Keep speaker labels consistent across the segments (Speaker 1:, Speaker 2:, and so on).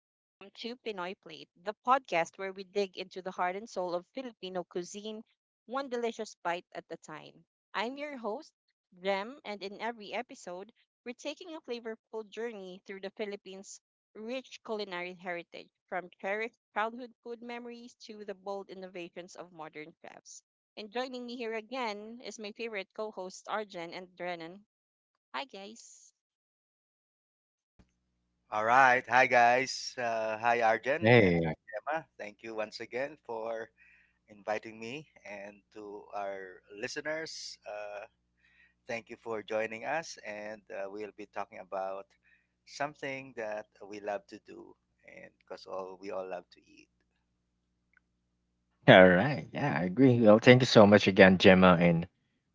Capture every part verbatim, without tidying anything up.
Speaker 1: and welcome to Pinoy Plate, the podcast where we dig into the heart and soul of Filipino cuisine, one delicious bite at a time. I'm your host, Jem, and in every episode, we're taking a flavorful journey through the Philippines' rich culinary heritage, from cherished childhood food memories to the bold innovations of modern chefs. And joining me here again is my favorite co hosts, Arjen and Drennan. Hi, guys.
Speaker 2: All right. Hi, guys. Uh, hi, Arjen and
Speaker 3: Hey,
Speaker 2: hi, Emma. Thank you once again for inviting me. And to our listeners, uh, thank you for joining us. And uh, we'll be talking about something that we love to do and because all we all love to eat.
Speaker 3: all right. Yeah, I agree. Well, thank you so much again, Gemma and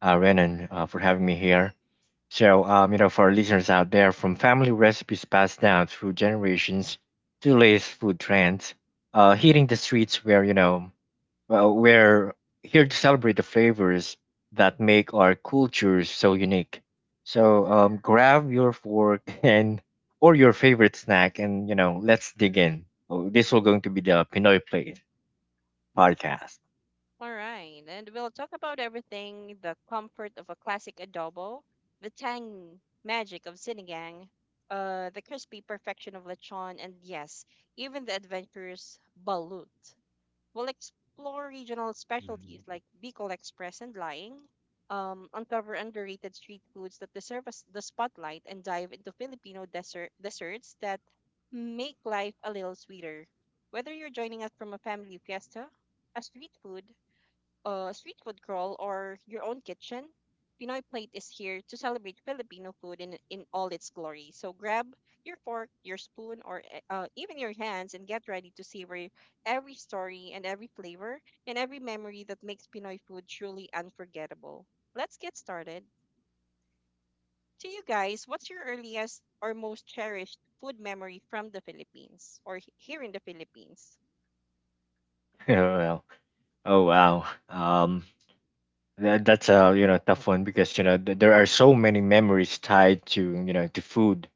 Speaker 3: uh, Renan, uh, for having me here. So, um, you know, for our listeners out there, from family recipes passed down through generations to latest food trends, uh, hitting the streets where, you know, well, we're here to celebrate the flavors that make our cultures so unique. So, um, grab your fork and or your favorite snack, and you know, let's dig in. Oh, this will going to be the Pinoy Plate podcast.
Speaker 1: All right, and we'll talk about everything the comfort of a classic adobo, the tang magic of sinigang, uh, the crispy perfection of lechon, and yes, even the adventurous balut. We'll explore regional
Speaker 3: Mhm.
Speaker 1: specialties like Bicol Express and Lying, um, uncover underrated street foods that deserve us the spotlight, and dive into Filipino dessert- desserts that make life a little sweeter. Whether you're joining us from a family fiesta, a street food, uh, street food crawl, or your own kitchen, Pinoy Plate is here to celebrate Filipino food in, in all its glory. So grab your fork, your spoon, or e- uh, even your hands and get ready to savor every story and every flavor and every memory that makes Pinoy food truly unforgettable. Let's get started. To you guys, what's your earliest or most cherished food memory from the Philippines or h- here in the Philippines?
Speaker 3: Oh, well, oh wow. Um, that, that's a you know tough one because you know th- there are so many memories tied to you know to food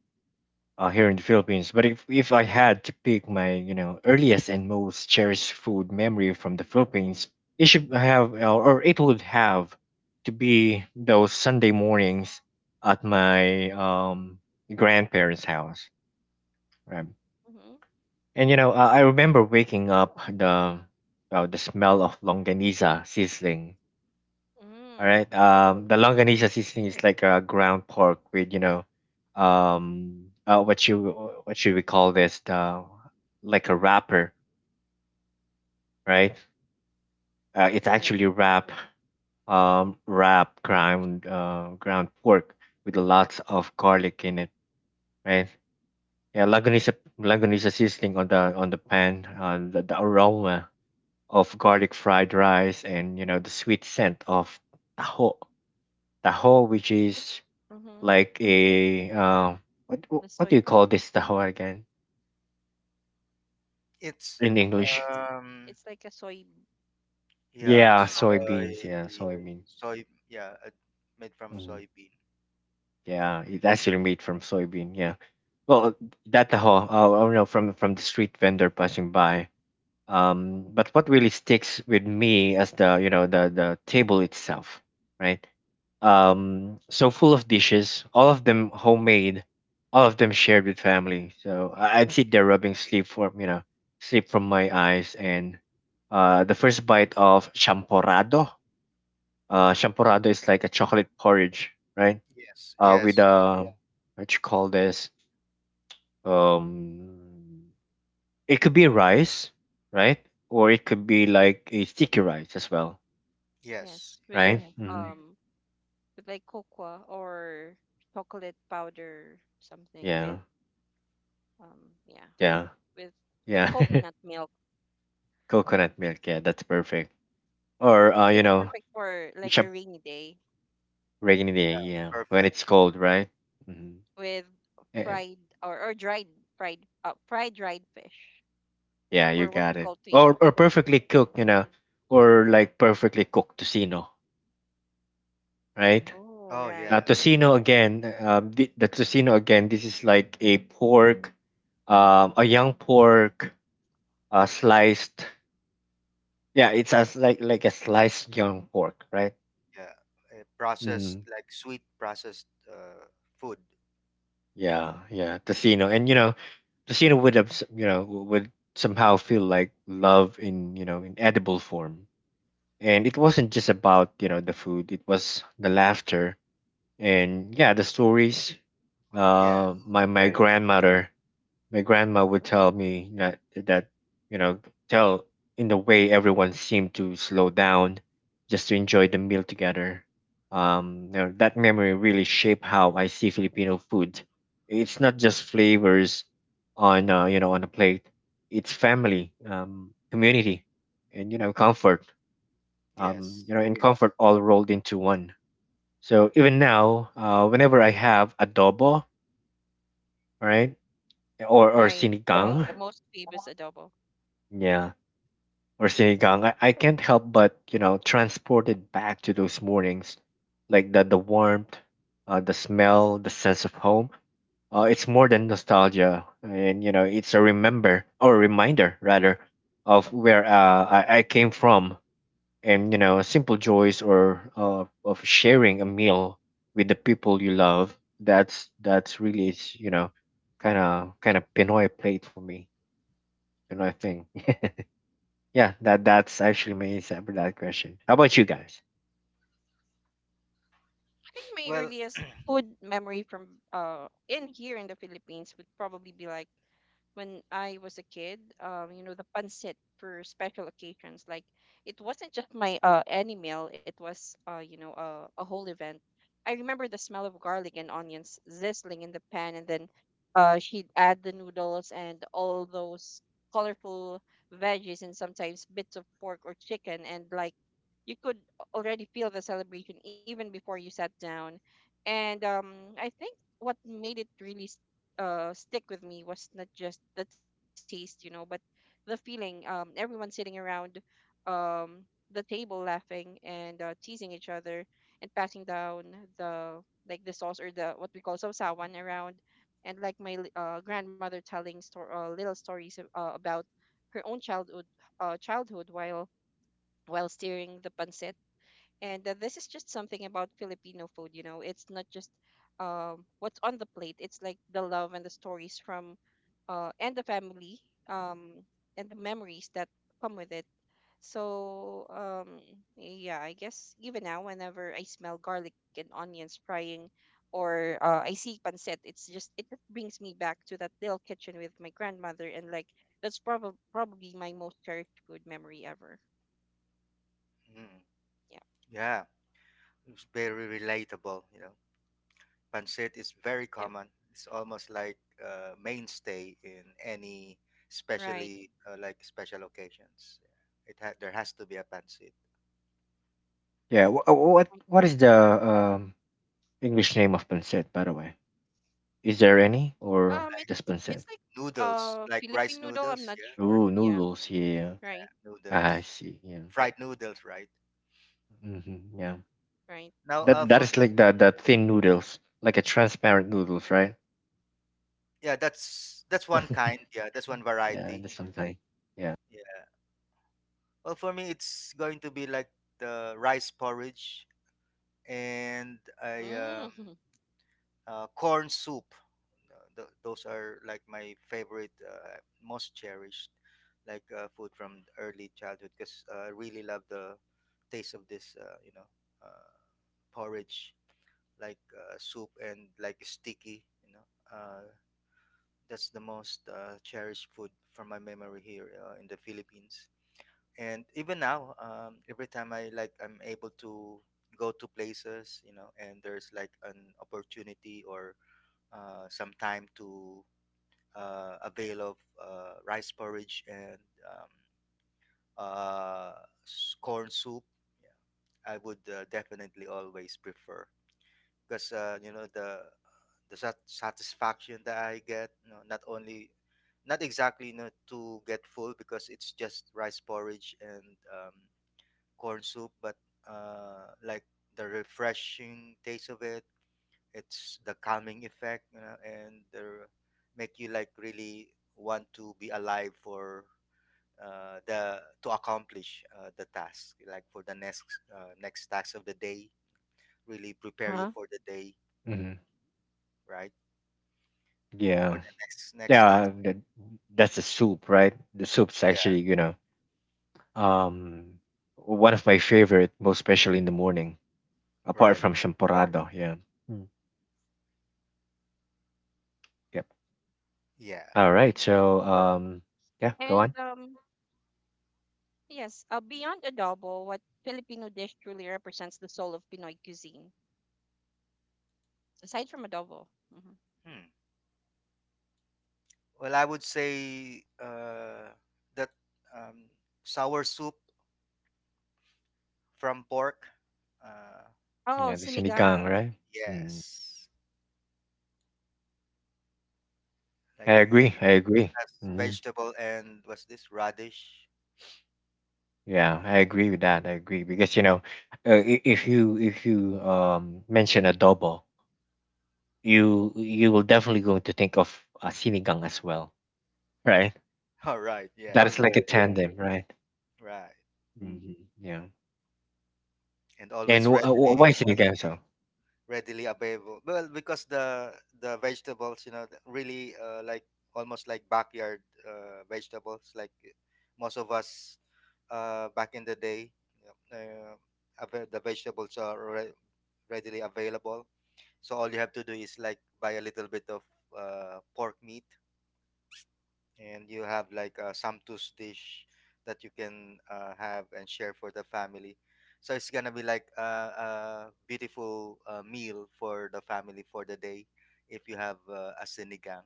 Speaker 3: uh, here in the Philippines. But if if I had to pick my you know earliest and most cherished food memory from the Philippines, it should have uh, or it would have to be those Sunday mornings at my um grandparents' house. Right.
Speaker 1: Mm-hmm.
Speaker 3: And you know, uh, I remember waking up the uh, the smell of longaniza sizzling. All
Speaker 1: Mm.
Speaker 3: right, um, the longaniza sizzling is like a ground pork with you know, um, uh, what you what should we call this? The, like a wrapper, right? Uh, it's
Speaker 1: Right.
Speaker 3: actually wrap um wrap ground uh, ground pork with lots of garlic in it, right? Yeah, longaniza longaniza sizzling on the on the pan, uh, the, the aroma of garlic fried rice and you know the sweet scent of taho taho which is
Speaker 1: Mm-hmm.
Speaker 3: like
Speaker 1: Yeah,
Speaker 3: a uh, what
Speaker 1: the
Speaker 3: what do you call
Speaker 1: soybean.
Speaker 3: this taho again
Speaker 2: It's,
Speaker 3: in
Speaker 1: Taho.
Speaker 3: english
Speaker 1: It's
Speaker 2: um,
Speaker 1: it's like a soy,
Speaker 2: yeah,
Speaker 3: yeah
Speaker 1: um
Speaker 3: soybeans
Speaker 2: soy,
Speaker 3: yeah soybean.
Speaker 2: soy, yeah, uh, made from
Speaker 3: Mhm.
Speaker 2: soybean.
Speaker 3: Yeah, it's actually made from soybean. Yeah, well, that taho uh, oh no, from from the street vendor passing by. um but what really sticks with me as the you know the the table itself, right? um so full of dishes, all of them homemade, all of them shared with family. So I- I'd sit there rubbing sleep from you know sleep from my eyes, and uh the first bite of champorado. Uh,
Speaker 2: Mm.
Speaker 3: champorado is like a chocolate porridge, right?
Speaker 2: Yes,
Speaker 3: Uh, with
Speaker 2: yes,
Speaker 3: a what you call this, um it could be rice, right? Or it could be like a sticky rice as well,
Speaker 2: yes.
Speaker 1: yes, with
Speaker 3: right? Hmm,
Speaker 1: um with like cocoa or chocolate powder, something with,
Speaker 3: yeah,
Speaker 1: um yeah
Speaker 3: yeah,
Speaker 1: with with
Speaker 3: yeah.
Speaker 1: coconut milk,
Speaker 3: Coconut milk, yeah, that's perfect. Or uh,
Speaker 1: and
Speaker 3: you
Speaker 1: it's
Speaker 3: know,
Speaker 1: perfect for
Speaker 3: you
Speaker 1: like a
Speaker 3: shop
Speaker 1: rainy day
Speaker 3: rainy day. Yeah, when
Speaker 2: Perfect.
Speaker 3: it's cold, right? Hmm.
Speaker 1: with fried, or, or dried, fried, uh, fried dried fish,
Speaker 3: Yeah, you
Speaker 1: or what we
Speaker 3: got it.
Speaker 1: call tuyo.
Speaker 3: Or or perfectly cooked, you know, or like perfectly cooked tocino, right?
Speaker 1: Oh
Speaker 2: Oh,
Speaker 3: Uh,
Speaker 1: right,
Speaker 2: yeah.
Speaker 3: tocino again. Um, the, the tocino again. This is like a pork, um, a young pork, uh, sliced. Yeah, it's as like like a sliced young pork, right?
Speaker 2: Yeah, uh, processed
Speaker 3: Hmm.
Speaker 2: like sweet processed uh, food.
Speaker 3: Yeah, yeah, tocino, and you know, the scene would have, s- you know, would somehow feel like love in, you know, in edible form. And it wasn't just about, you know, the food. It was the laughter and yeah, the stories.
Speaker 2: Yes,
Speaker 3: Uh, my my Right. grandmother, my grandma would tell me that that you know tell in the way everyone seemed to slow down just to enjoy the meal together. um you know, that memory really shaped how I see Filipino food. It's not just flavors on uh, you know on a plate. It's family, um community, and you know comfort. um
Speaker 2: yes.
Speaker 3: you know and comfort all rolled into one. So even now, uh whenever I have adobo, right, or
Speaker 1: right,
Speaker 3: or
Speaker 1: the
Speaker 3: sinigang,
Speaker 1: most famous adobo.
Speaker 3: yeah, or sinigang, I, I can't help but you know transported back to those mornings, like the the warmth, uh, the smell, the sense of home. Uh, it's more than nostalgia, and you know it's a remember or reminder rather of where uh, I, I came from, and you know simple joys or uh, of sharing a meal with the people you love. That's that's really it's you know kind of kind of Pinoy plate for me, Pinoy thing. Yeah, that that's actually my answer for that question. How about you guys?
Speaker 1: I think my
Speaker 2: Well,
Speaker 1: earliest food memory from uh in here in the Philippines would probably be like when I was a kid. Um, you know, the pancit for special occasions. Like it wasn't just my uh any meal, it was, uh, you know, a, a whole event. I remember the smell of garlic and onions sizzling in the pan, and then uh she'd add the noodles and all those colorful veggies and sometimes bits of pork or chicken. And like you could already feel the celebration even before you sat down. And um I think what made it really uh stick with me was not just the taste, you know, but the feeling. Um, everyone sitting around, um the table, laughing and uh, teasing each other and passing down the, like the sauce or the what we call sausawan around, and like my li- uh, grandmother telling stor- uh, little stories uh, about her own childhood, uh, childhood, while while steering the pancit. And uh, this is just something about Filipino food, you know. It's not just um, what's on the plate. It's like the love and the stories from, uh, and the family, um, and the memories that come with it. So um, yeah, I guess even now, whenever I smell garlic and onions frying, or uh, I see pancit, it's just it just brings me back to that little kitchen with my grandmother. And like that's probably probably my most cherished food memory ever.
Speaker 2: mm,
Speaker 1: Yeah.
Speaker 2: yeah, it's very relatable. You know, pancit is
Speaker 1: Yep.
Speaker 2: very common. It's almost like a mainstay in any,
Speaker 1: Right.
Speaker 2: especially uh, like special occasions. It ha- there has to be a pancit.
Speaker 3: Yeah, wh- uh,
Speaker 1: Right.
Speaker 3: what what is the um, English name of pancit, by the way? Is there any
Speaker 1: Um,
Speaker 3: or
Speaker 1: it's
Speaker 3: just
Speaker 1: it's like
Speaker 3: pancit?
Speaker 1: uh
Speaker 2: Noodles, like
Speaker 1: Philippine noodle.
Speaker 2: rice
Speaker 1: I'm not
Speaker 2: noodles.
Speaker 1: sure.
Speaker 2: Yeah,
Speaker 3: Ooh,
Speaker 1: Yeah,
Speaker 3: noodles. Yeah,
Speaker 1: right,
Speaker 3: ah,
Speaker 2: noodles,
Speaker 3: I see. Yeah,
Speaker 2: fried noodles, right?
Speaker 3: hmm, yeah.
Speaker 1: right.
Speaker 2: Now,
Speaker 3: That
Speaker 2: uh,
Speaker 3: that
Speaker 2: for
Speaker 3: is
Speaker 2: me,
Speaker 3: like the the thin noodles, like a transparent noodles, right?
Speaker 2: yeah, that's that's one kind. Yeah, that's one
Speaker 3: Yeah,
Speaker 2: variety.
Speaker 3: that's something. Yeah.
Speaker 2: Well, for me, it's going to be like the rice porridge and a
Speaker 1: Mm.
Speaker 2: um, uh, corn soup. Uh, th- those are like my favorite, uh, most cherished, like uh, food from early childhood because I really love the taste of this, uh, you know, uh, porridge, like uh, soup and like sticky. You know, uh, that's the most uh, cherished food from my memory here uh, in the Philippines. And even now, um, every time i like i'm able to go to places, you know, and there's like an opportunity or uh, some time to uh, avail of uh, rice porridge and um, uh, s- corn soup, yeah, I would uh, definitely always prefer because uh, you know, the the sat- satisfaction that I get, you know, not only not exactly, you know, to get full because it's just rice porridge and um, corn soup, but uh, like the refreshing taste of it, it's the calming effect, you know, and the make you like really want to be alive for uh, the to accomplish uh, the task, like for the next uh, next task of the day, really prepare you
Speaker 1: Huh?
Speaker 2: for the day,
Speaker 3: Hmm.
Speaker 2: right? For
Speaker 3: Yeah,
Speaker 2: the next next task,
Speaker 3: yeah. That, that's the soup, right? The soup's
Speaker 2: yeah,
Speaker 3: actually, you know, Um, one of my favorite, most especially in the morning, apart
Speaker 2: right,
Speaker 3: from champorado. Yeah. Mm. Yep.
Speaker 1: Right.
Speaker 2: yeah.
Speaker 3: All
Speaker 1: Mm.
Speaker 3: right. So, um,
Speaker 1: And
Speaker 3: yeah, go
Speaker 1: um,
Speaker 3: on.
Speaker 1: yes. Uh, beyond adobo, what Filipino dish truly represents the soul of Pinoy cuisine, aside from adobo? Hmm.
Speaker 2: Hmm. Well, I would say uh, that um, sour soup from pork. Uh,
Speaker 1: Oh,
Speaker 3: Yeah, the sinigang,
Speaker 1: sinigang.
Speaker 3: right? Mm.
Speaker 2: Yes.
Speaker 3: I
Speaker 2: Like it,
Speaker 3: agree. I
Speaker 2: it
Speaker 3: agree.
Speaker 2: has
Speaker 3: Mm.
Speaker 2: vegetable and what's this? Radish.
Speaker 3: Yeah, I agree with that. I agree because you know, uh, i- if you if you um mention adobo, you you will definitely going to think of a sinigang as well, right?
Speaker 2: All right. Yeah,
Speaker 3: That is
Speaker 2: yeah.
Speaker 3: like a Correct, correct. Tandem, right?
Speaker 2: Right.
Speaker 3: Hmm. Yeah.
Speaker 2: And
Speaker 3: And
Speaker 2: always
Speaker 3: w- uh,
Speaker 2: readily
Speaker 3: wh- why sinigang so?
Speaker 2: readily available. Well, because the the vegetables, you know, the- really uh, like almost like backyard uh, vegetables like uh, most of us uh, back in the day, you know, uh, ava- the vegetables are re- readily available. So all you have to do is like buy a little bit of uh, pork meat and you have like a samtus dish that you can uh, have and share for the family, so it's gonna be like a, a beautiful uh, meal for the family for the day if you have uh, a sinigang,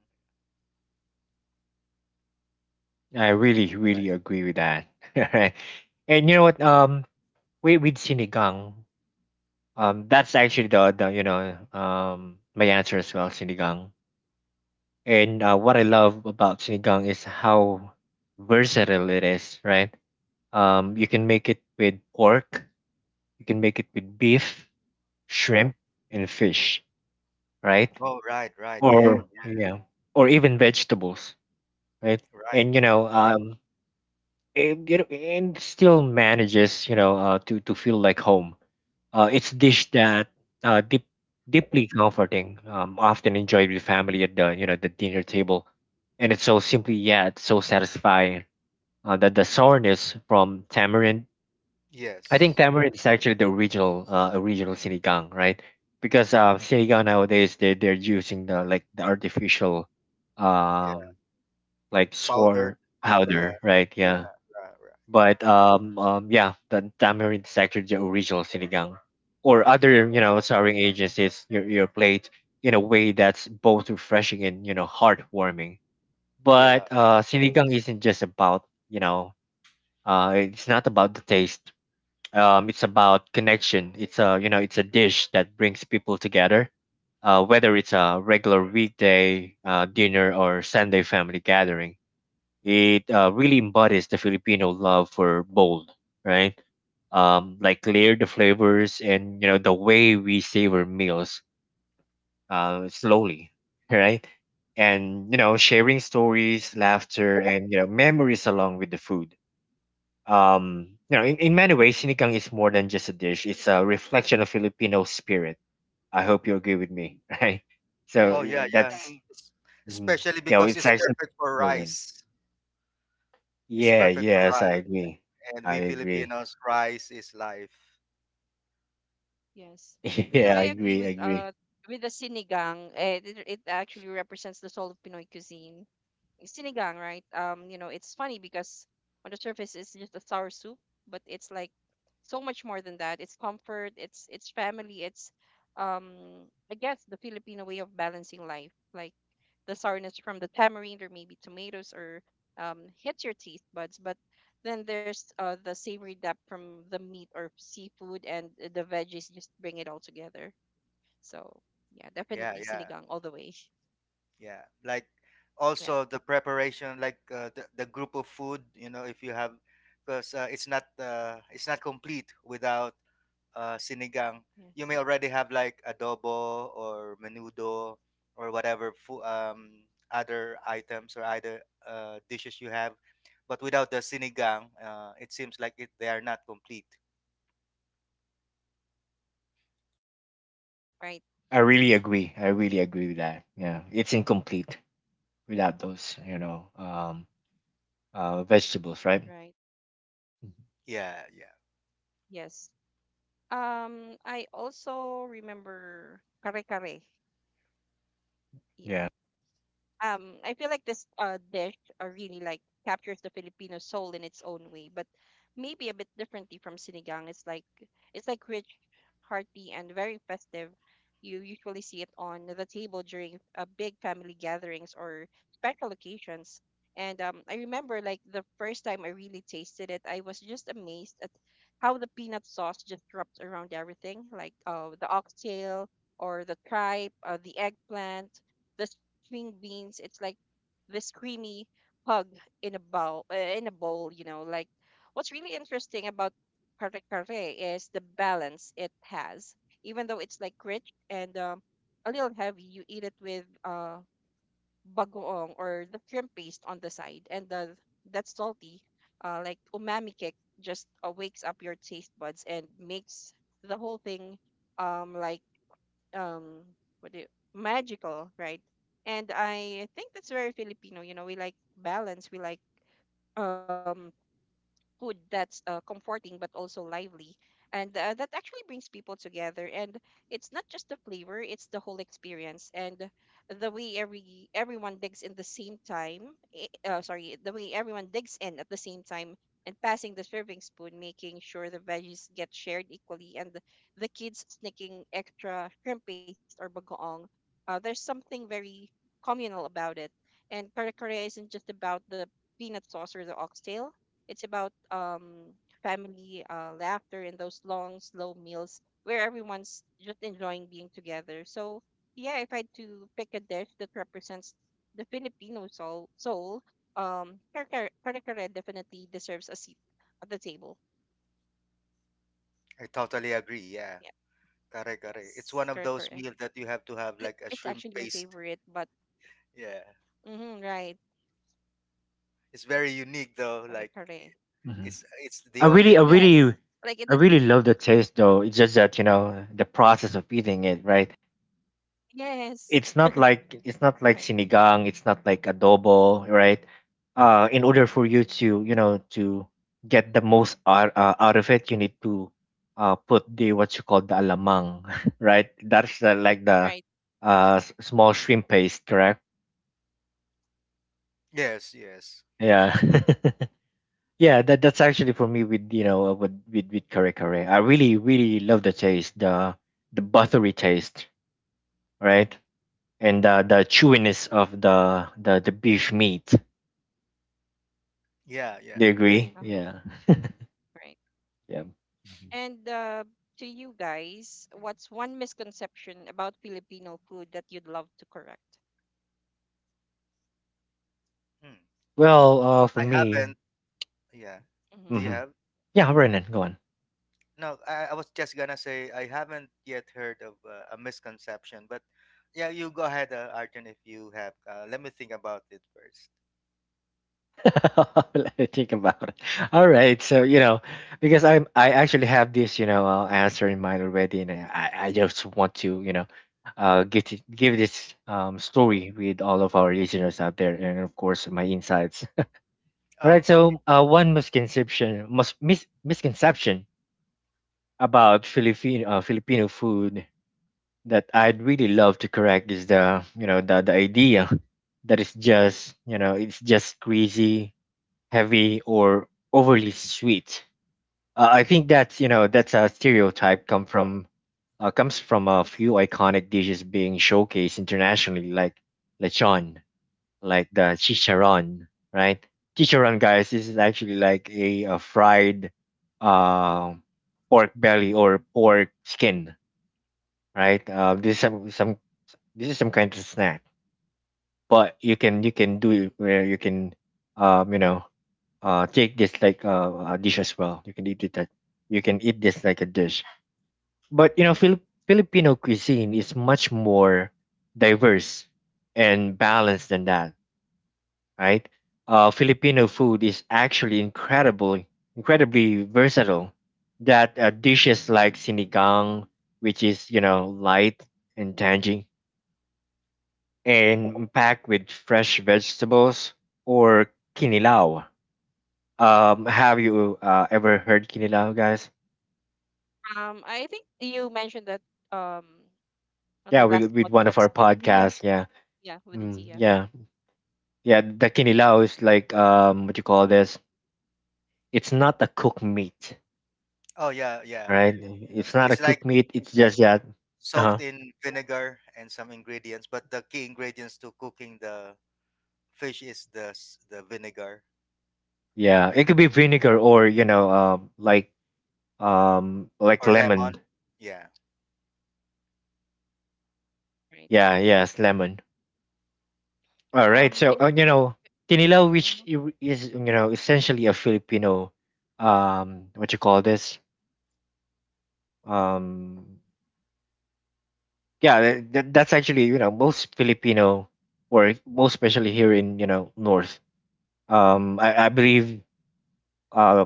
Speaker 3: I really, really
Speaker 2: right.
Speaker 3: agree with that. Right. And you know what? Um, we with sinigang, um, that's actually the the you know um my answer as well, sinigang. And uh, what I love about sinigang is how versatile it is, right? Um, you can make it with pork, you can make it with beef, shrimp, and fish, right?
Speaker 2: Oh right, right, yeah.
Speaker 3: Or yeah, or even vegetables, right?
Speaker 2: Right.
Speaker 3: And you know, um, and, you know, and still manages, you know, uh, to to feel like home. Uh, it's dish that uh, deep, deeply comforting, um, often enjoyed with family at the you know the dinner table, and it's so simply yet so satisfying. Uh, that the sourness from tamarind, I think
Speaker 2: Yes.
Speaker 3: tamarind is actually the original uh, original sinigang, right? Because uh, sinigang nowadays they they're using the like the artificial,
Speaker 2: Yeah.
Speaker 3: um, like
Speaker 2: Powdered,
Speaker 3: sour
Speaker 2: yeah.
Speaker 3: powder, right? Yeah
Speaker 2: Right, right.
Speaker 3: but um, um, yeah, the tamarind is actually the original sinigang, or other
Speaker 2: Yeah,
Speaker 3: you know souring agencies your your plate in a way that's both refreshing and you know heartwarming.
Speaker 2: yeah.
Speaker 3: But uh, sinigang isn't just about you know uh, it's not about the taste. Um, it's about connection. It's a you know it's a dish that brings people together, uh, whether it's a regular weekday uh, dinner or Sunday family gathering, it uh, really embodies the Filipino love for bold, right? Um, like layer the flavors and you know the way we savor meals uh, slowly, right? And you know sharing stories, laughter, and you know memories along with the food. Um, you know, in, in many ways, sinigang is more than just a dish. It's a reflection of Filipino spirit. I hope you agree with me, right? So
Speaker 2: Oh
Speaker 1: Right.
Speaker 3: eh,
Speaker 2: yeah, yeah.
Speaker 3: that's
Speaker 2: Es-
Speaker 3: Right. mm,
Speaker 2: especially
Speaker 3: you know,
Speaker 2: because
Speaker 3: it's
Speaker 2: it's
Speaker 3: actually
Speaker 2: perfect for
Speaker 3: brilliant.
Speaker 2: rice. It's
Speaker 3: Yeah,
Speaker 2: perfect for
Speaker 3: yes, I
Speaker 2: rice,
Speaker 3: agree.
Speaker 2: and
Speaker 3: I
Speaker 2: we
Speaker 3: agree.
Speaker 2: Filipinos, rice is life.
Speaker 1: Yes. You know,
Speaker 3: Yeah,
Speaker 1: I
Speaker 3: I
Speaker 1: agree with
Speaker 3: agree, I
Speaker 1: uh
Speaker 3: agree.
Speaker 1: with the sinigang. It it it actually represents the soul of Pinoy cuisine. Sinigang, right? Um, you know, it's funny because on the surface it's just a sour soup, but it's like so much more than that. It's comfort, it's it's family, it's um I guess the Filipino way of balancing life. Like the sourness from the tamarind or maybe tomatoes or um hits your teeth buds, but then there's uh the savory depth from the meat or seafood, and the veggies just bring it all together. So yeah, definitely
Speaker 2: Yeah,
Speaker 1: sinigang
Speaker 2: yeah,
Speaker 1: all the way.
Speaker 2: yeah. Like
Speaker 1: Yeah.
Speaker 2: also the preparation, like uh, the, the group of food, you know, if you have, because uh, it's not uh, it's not complete without uh, sinigang.
Speaker 1: Yes.
Speaker 2: You may already have like adobo or menudo or whatever food, um, other items or other uh, dishes you have, but without the sinigang, uh, it seems like it, they are not complete.
Speaker 1: Right.
Speaker 3: I really agree. I really agree with that. Yeah. It's incomplete without those, you know, um uh vegetables, right?
Speaker 1: Right.
Speaker 2: Yeah, yeah.
Speaker 1: Yes. Um, I also remember kare kare. Yeah,
Speaker 3: Yeah.
Speaker 1: um I feel like this uh dish uh, really like captures the Filipino soul in its own way, but maybe a bit differently from sinigang. It's like it's like rich, hearty, and very festive. You usually see it on the table during uh, big family gatherings or special occasions. And um, I remember like the first time I really tasted it, I was just amazed at how the peanut sauce just dropped around everything, like, uh, the oxtail or the tripe, uh, the eggplant, the string beans. It's like this creamy hug in a bowl, uh, in a bowl. You know, like what's really interesting about kare kare is the balance it has. Even though it's like rich and, um, a little heavy, you eat it with uh bagoong or the shrimp paste on the side, and the, that salty, uh, like umami kick just uh, wakes up your taste buds and makes the whole thing um like um what do you, magical, right? And I think that's very Filipino, you know, we like balance, we like um food that's uh, comforting but also lively, and uh, that actually brings people together. And it's not just the flavor, it's the whole experience, and the way every everyone digs in the same time eh, uh, sorry the way everyone digs in at the same time and passing the serving spoon, making sure the veggies get shared equally, and the, the kids sneaking extra shrimp paste or bagoong. Uh, there's something very communal about it. And kare kare isn't just about the peanut sauce or the oxtail, it's about um family, uh, laughter, and those long, slow meals where everyone's just enjoying being together. So yeah, if I had to pick a dish that represents the Filipino soul, soul, um, kare kare kare definitely deserves a seat at the table.
Speaker 2: I totally agree, yeah.
Speaker 1: Yeah,
Speaker 2: Correct, correct. It's
Speaker 1: yes,
Speaker 2: one of
Speaker 1: kare
Speaker 2: those
Speaker 1: kare.
Speaker 2: meals that you have to have
Speaker 1: It-
Speaker 2: like a
Speaker 1: It's
Speaker 2: shrimp
Speaker 1: actually my
Speaker 2: paste.
Speaker 1: favorite, but mm-hmm,
Speaker 2: Yeah.
Speaker 1: right,
Speaker 2: It's very
Speaker 1: kare
Speaker 2: unique though.
Speaker 1: kare.
Speaker 2: Like,
Speaker 3: Hmm.
Speaker 2: it's it's the
Speaker 3: I
Speaker 2: only.
Speaker 3: really I
Speaker 1: Yes,
Speaker 2: Dish.
Speaker 1: like
Speaker 3: really
Speaker 1: it. Is-
Speaker 3: I really love the taste though. It's just that, you know, the process of eating it, right?
Speaker 1: Yes,
Speaker 3: It's not like it's not
Speaker 1: right,
Speaker 3: like sinigang, it's not like adobo, right? Uh, in order for you to you know to get the most out, uh, out of it you need to uh put the what you call the alamang, right? That's the, like
Speaker 1: right,
Speaker 3: the uh s- small shrimp paste, correct?
Speaker 2: Yes, yes,
Speaker 3: Yeah. Yeah, that that's actually for me with you know uh, with with, with kare kare I really really love the taste, the the buttery taste, right? And uh, the chewiness of the the the beef meat.
Speaker 2: yeah,
Speaker 3: You
Speaker 2: yeah.
Speaker 3: agree?
Speaker 1: uh-huh,
Speaker 3: Yeah.
Speaker 1: right.
Speaker 3: Yeah. Mhm.
Speaker 1: And uh, to you guys, what's one misconception about Filipino food that you'd love to correct?
Speaker 2: Hmm.
Speaker 3: Well, uh, for
Speaker 2: I
Speaker 3: me,
Speaker 2: haven't. Yeah.
Speaker 1: Hmm.
Speaker 2: Do you
Speaker 3: mhm,
Speaker 2: have?
Speaker 3: yeah, Brennan, go on.
Speaker 2: No, I, I was just gonna say I haven't yet heard of uh, a misconception, but yeah, you go ahead, uh, Arjun, if you have. Uh, let me think about it first.
Speaker 3: Let me think about it. All right, so you know, because I'm I actually have this you know uh, answer in mind already, and I I just want to you know, uh, get it, give this um story with all of our listeners out there, and of course my insights. All
Speaker 2: Oh,
Speaker 3: right,
Speaker 2: okay.
Speaker 3: so uh, one misconception, must mis- misconception about Philippine uh, Filipino food that I'd really love to correct is the you know the the idea that it's just you know it's just greasy, heavy, or overly sweet. Uh, I think that's you know that's a stereotype come from uh, comes from a few iconic dishes being showcased internationally, like lechon, like the chicharron, right? Chicharron, guys, this is actually like a, a fried uh, pork belly or pork skin, right? Uh, this is some some this is some kind of snack, but you can you can do it where you can um you know uh take this like uh, a dish as well, you can eat it that you can eat this like a dish. But you know, Fili- filipino cuisine is much more diverse and balanced than that, right? Uh, Filipino food is actually incredible, incredibly versatile, that uh, dishes like sinigang, which is you know light and tangy and packed with fresh vegetables, or kinilaw. Um, have you uh, ever heard kinilaw, guys?
Speaker 1: Um, I think you mentioned that um on
Speaker 3: Yeah,
Speaker 1: our last
Speaker 3: with with one of
Speaker 1: podcast
Speaker 3: our
Speaker 1: with Zia.
Speaker 3: podcasts. Yeah,
Speaker 1: Yeah, with
Speaker 3: mm,
Speaker 1: Zia,
Speaker 3: yeah, yeah. The kinilaw is like um, what you call this? It's not a cooked meat,
Speaker 2: Oh, yeah, yeah.
Speaker 3: right? It's not a
Speaker 2: It's like
Speaker 3: cooked meat. It's just that. Uh huh.
Speaker 2: soaked in vinegar and some ingredients, but the key ingredients to cooking the fish is the s- the vinegar
Speaker 3: Yeah, it could be vinegar or you know, um, like um, like
Speaker 2: or lemon.
Speaker 3: lemon.
Speaker 2: Yeah.
Speaker 1: right?
Speaker 3: Yeah, yes, lemon. All right.
Speaker 1: Um,
Speaker 3: So,
Speaker 1: I
Speaker 3: uh, you
Speaker 1: think.
Speaker 3: know, Kinilaw,
Speaker 1: Mm-hmm,
Speaker 3: which i- is, you know, essentially a Filipino, um, what you call this? Um, yeah, that, that- that's actually, you know, most Filipino, or most especially here in, you know, North. Um, I, I believe uh,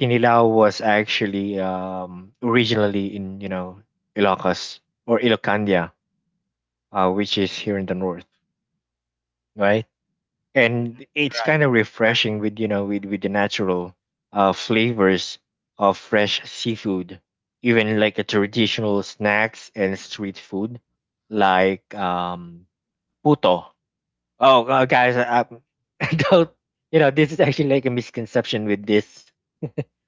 Speaker 3: Kinilaw was actually um, originally in, you know, Ilocos or Ilocandia, uh, which is here in the North, right? And
Speaker 2: hmm
Speaker 3: it's
Speaker 1: mm-hmm,
Speaker 3: kind of refreshing with you know with with the natural uh flavors of fresh seafood, even like a traditional snacks and street food like um puto. oh uh, Guys, I um, don't, you know, this is actually like a misconception with this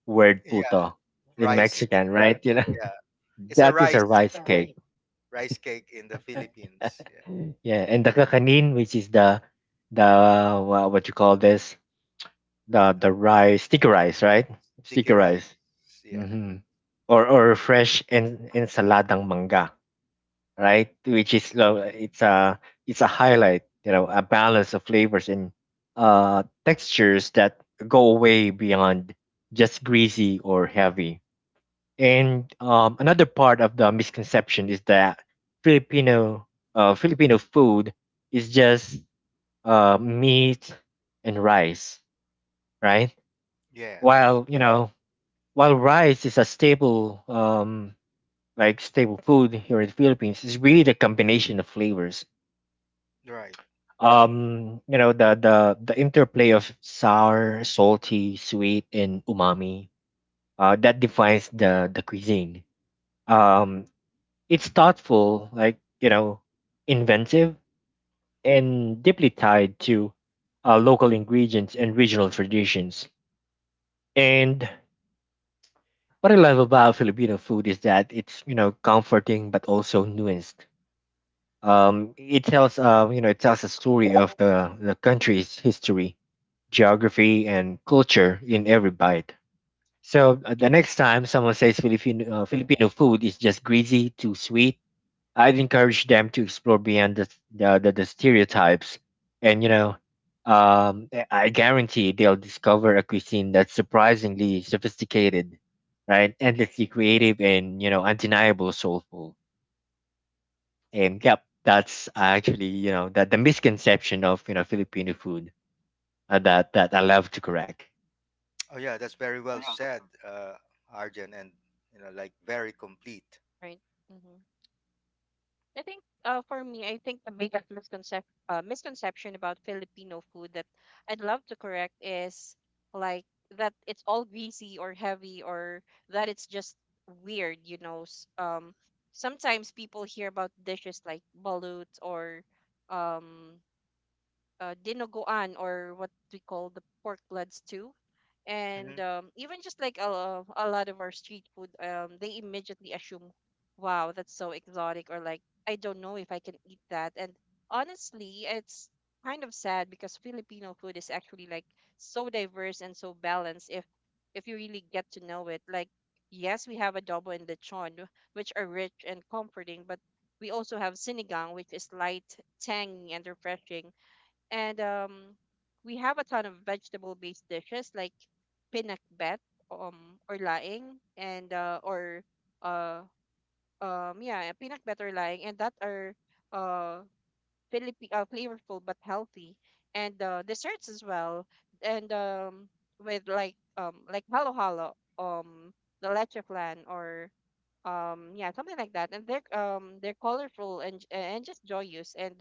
Speaker 3: word
Speaker 2: Yeah,
Speaker 3: puto in
Speaker 2: rice. It's
Speaker 3: mexican,
Speaker 2: a
Speaker 3: right? You know,
Speaker 2: yeah, it's a
Speaker 3: that is
Speaker 2: rice
Speaker 3: a rice cake.
Speaker 2: rice cake in the Philippines. Yeah,
Speaker 3: Yeah, and the kakanin, which is the the wha- what you call this, the
Speaker 2: uh,
Speaker 3: the rice, sticky rice, right?
Speaker 2: sticky
Speaker 3: Sticky
Speaker 2: rice.
Speaker 3: rice.
Speaker 2: Yeah.
Speaker 3: Mm-hmm. or or fresh en- ensaladang manga, right? Which is uh, it's a it's a highlight, you know, a balance of flavors and uh textures that go way beyond just greasy or heavy. And um, another part of the misconception is that filipino uh, filipino food is just uh, meat and rice, right?
Speaker 2: Yes.
Speaker 3: While you know, while rice is a staple, um, like staple food here in the Philippines, it's really the combination of flavors.
Speaker 2: Right.
Speaker 3: Um, you know, the the the interplay of sour, salty, sweet, and umami. Uh, that defines the the cuisine. Um, it's thoughtful, like you know, inventive, and deeply tied to uh, local ingredients and regional traditions. And what I love about Filipino food is that it's, you know, comforting but also nuanced. Um, it tells uh, you know, it tells a story of the, the country's history, geography, and culture in every bite. So uh, the next time someone says Filipino uh, Filipino food is just greasy, too sweet, I'd encourage them to explore beyond the the, the, the stereotypes, and you know, um, I I guarantee they'll discover a cuisine that's surprisingly sophisticated, right? Endlessly creative and, you know, undeniable soulful. And yep, that's actually, you know, that the misconception of, you know, Filipino food uh, that that I love to correct.
Speaker 2: Oh yeah, that's very well said, uh, Arjun, and you know, like very complete.
Speaker 1: right. Mm-hmm. I think uh, for me, I think the biggest misconcep- uh, misconception about Filipino food that I'd love to correct is like that it's all greasy or heavy, or that it's just weird, you know. S- Um, sometimes people hear about dishes like balut, or um, uh, dinuguan, or what we call the pork blood stew, and
Speaker 2: Hmm
Speaker 1: um, even just like a, a lot of our street food. Um, they immediately assume, wow, that's so exotic, or like I don't know if I can eat that. And honestly, it's kind of sad, because Filipino food is actually like so diverse and so balanced, if if you really get to know it. Like yes, we have adobo and lechon, which are rich and comforting, but we also have sinigang, which is light, tangy, and refreshing. And um, we have a ton of vegetable-based dishes like pinakbet, um, or laing, and uh, or uh, um, yeah, pinakbet or laing, and that are uh, Philippi uh, flavorful but healthy. And uh, desserts as well, and um, with like, um, like halo halo, um, the leche flan, or um yeah, something like that. And they're um they're colorful and j- and just joyous. And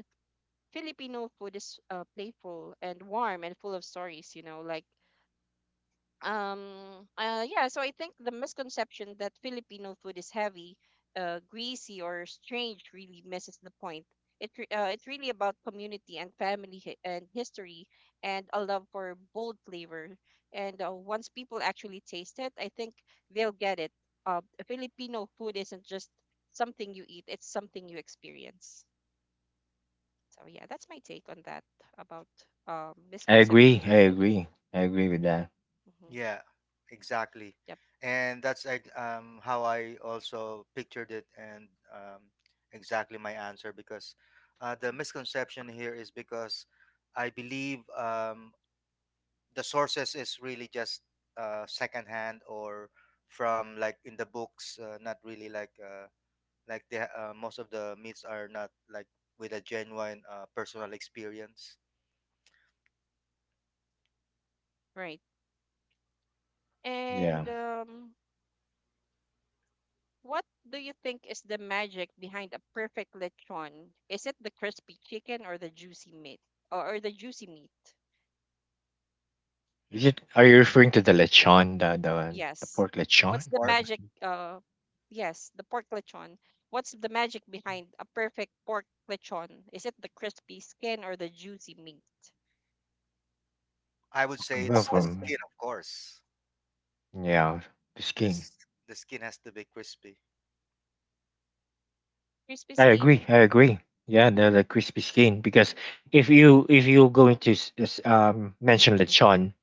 Speaker 1: Filipino food is uh, playful and warm and full of stories, you know. Like um uh yeah, so I think the misconception that Filipino food is heavy, uh greasy, or strange really misses the point. It re- uh, it's really about community and family, hi- and history, and a love for bold flavor. And uh, once people actually taste it, I think they'll get it. Uh, Filipino food isn't just something you eat; it's something you experience. So yeah, that's my take on that about um
Speaker 3: I
Speaker 1: misconception
Speaker 3: agree. I
Speaker 1: about Philippines.
Speaker 3: agree. I agree with that.
Speaker 1: Hmm.
Speaker 2: Yeah, exactly.
Speaker 1: Yep.
Speaker 2: And that's like um, how I also pictured it, and um, exactly my answer because uh, the
Speaker 1: Mhm.
Speaker 2: misconception here is because I believe um, the sources is really just uh, secondhand or from like in the books, uh, not really like uh, like the uh, most of the myths are not like with a genuine uh, personal experience.
Speaker 1: Right.
Speaker 3: Yeah.
Speaker 1: And um, what do you think is the magic behind a perfect lechon? Is it the crispy chicken or the juicy meat or, or the juicy meat?
Speaker 3: Is
Speaker 2: Hmm.
Speaker 3: it, are you referring to the lechon, the the, the
Speaker 1: Yes.
Speaker 3: pork
Speaker 1: What's
Speaker 3: lechon?
Speaker 1: the
Speaker 2: Pork,
Speaker 1: magic? Uh, yes, the pork lechon. What's the magic behind a perfect pork lechon? Is it the crispy skin or the juicy meat?
Speaker 2: I would say
Speaker 3: Well,
Speaker 2: it's the
Speaker 3: From
Speaker 2: skin, of course.
Speaker 3: yeah, the skin.
Speaker 2: This, the skin has to be crispy.
Speaker 1: Crispy
Speaker 3: I
Speaker 1: skin.
Speaker 3: agree. I agree. Yeah,
Speaker 1: Hmm.
Speaker 3: the, the crispy skin because if you if you're going to s- s- um mention lechon,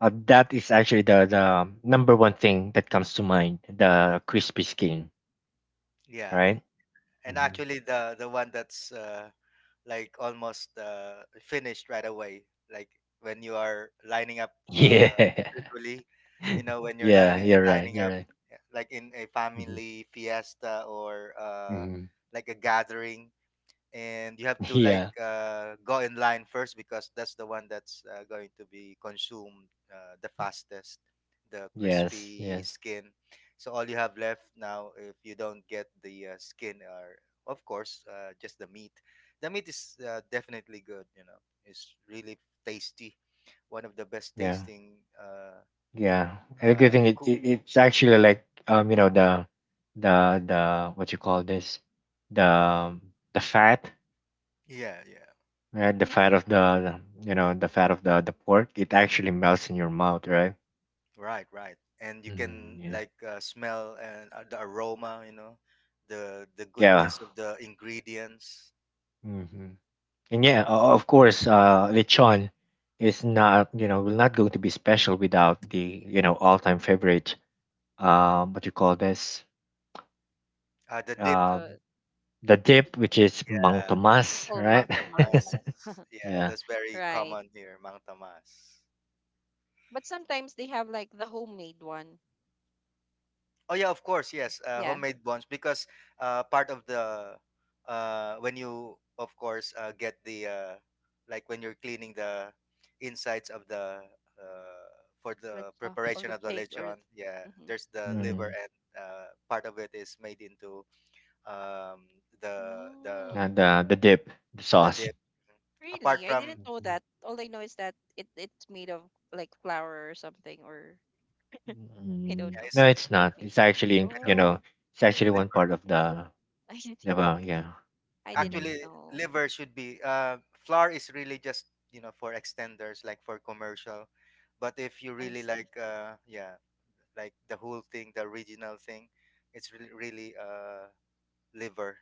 Speaker 3: uh, that is actually the the number one thing that comes to mind, the crispy skin,
Speaker 2: Yeah.
Speaker 3: right?
Speaker 2: And
Speaker 3: Mhm.
Speaker 2: actually the the one that's uh, like almost uh, finished right away, like when you are lining up, uh,
Speaker 3: Yeah.
Speaker 2: usually, you know, when you're
Speaker 3: Yeah,
Speaker 2: lining,
Speaker 3: you're right.
Speaker 2: lining
Speaker 3: You're
Speaker 2: up,
Speaker 3: right.
Speaker 2: yeah, like in a
Speaker 3: Hmm.
Speaker 2: family fiesta or uh,
Speaker 3: Hmm.
Speaker 2: like a gathering, and you have to like
Speaker 3: Yeah.
Speaker 2: uh, go in line first because that's the one that's uh, going to be consumed uh, the fastest, the
Speaker 3: Yes.
Speaker 2: crispy
Speaker 3: Yes.
Speaker 2: skin. So all you have left now if you don't get the uh, skin are of course uh, just the meat. The meat is uh, definitely good, you know, it's really tasty, one of the best
Speaker 3: Yeah.
Speaker 2: tasting uh,
Speaker 3: Yeah. And a good
Speaker 2: uh,
Speaker 3: thing it,
Speaker 2: cook.
Speaker 3: it it's actually like, um, you know, the the the what you call this, the the fat,
Speaker 2: Yeah, yeah.
Speaker 3: right? The fat of the, you know, the fat of the the pork. It actually melts in your mouth, right?
Speaker 2: Right, right. And you
Speaker 3: Hmm.
Speaker 2: can
Speaker 3: Yeah,
Speaker 2: like uh, smell and uh, the aroma, you know, the the
Speaker 3: yeah.
Speaker 2: goodness of the ingredients.
Speaker 3: Hmm. And yeah, o- of course, uh, lechon is not, you know, will not going to be special without the, you know, all-time favorite, um, what you call this,
Speaker 2: Uh, the dip,
Speaker 3: uh,
Speaker 1: Uh,
Speaker 3: the
Speaker 1: the
Speaker 3: dip, which is mang
Speaker 2: uh,
Speaker 1: we
Speaker 3: tomas,
Speaker 1: call Mang
Speaker 2: mang
Speaker 3: right?
Speaker 1: Tomas,
Speaker 2: tamas. Yeah,
Speaker 3: Yeah,
Speaker 2: that's very
Speaker 1: right?
Speaker 2: common here, mang tamas.
Speaker 1: But sometimes they have like the homemade one.
Speaker 2: Oh yeah, of course, yes. Uh,
Speaker 1: Yeah,
Speaker 2: homemade bonds because uh, part of the uh, when you of course uh, get the uh, like when you're cleaning the insides of the uh, for
Speaker 1: like,
Speaker 2: the
Speaker 1: uh, of
Speaker 2: preparation
Speaker 1: the
Speaker 2: of the
Speaker 1: pig or.
Speaker 2: lechon, yeah,
Speaker 1: Mm.
Speaker 2: there's the liver
Speaker 3: mm,
Speaker 2: and uh, part of it is made into um, the the
Speaker 3: not
Speaker 1: Mm,
Speaker 3: the the dip, the
Speaker 2: the
Speaker 3: sauce.
Speaker 2: dip. Apart
Speaker 1: really? I
Speaker 2: from
Speaker 1: didn't know
Speaker 3: Mhm.
Speaker 1: that. All I know is that it it's made of like flour or something, or I don't
Speaker 3: Mm,
Speaker 2: yeah,
Speaker 1: know.
Speaker 2: it's
Speaker 3: no, it's
Speaker 1: Like,
Speaker 3: not.
Speaker 1: made
Speaker 3: It's
Speaker 1: of different.
Speaker 3: actually, in-
Speaker 2: kind of
Speaker 3: you know,
Speaker 1: Oh,
Speaker 3: it's actually one
Speaker 2: liver.
Speaker 3: part of the,
Speaker 1: I
Speaker 3: the
Speaker 1: see.
Speaker 3: well, yeah.
Speaker 1: I didn't
Speaker 3: Mm.
Speaker 2: Actually,
Speaker 1: know.
Speaker 2: liver should be uh flour is really just, you know, for extenders, like for commercial. But if you
Speaker 1: I
Speaker 2: really
Speaker 1: see.
Speaker 2: like uh yeah, like the whole thing, the original thing, it's really really uh liver.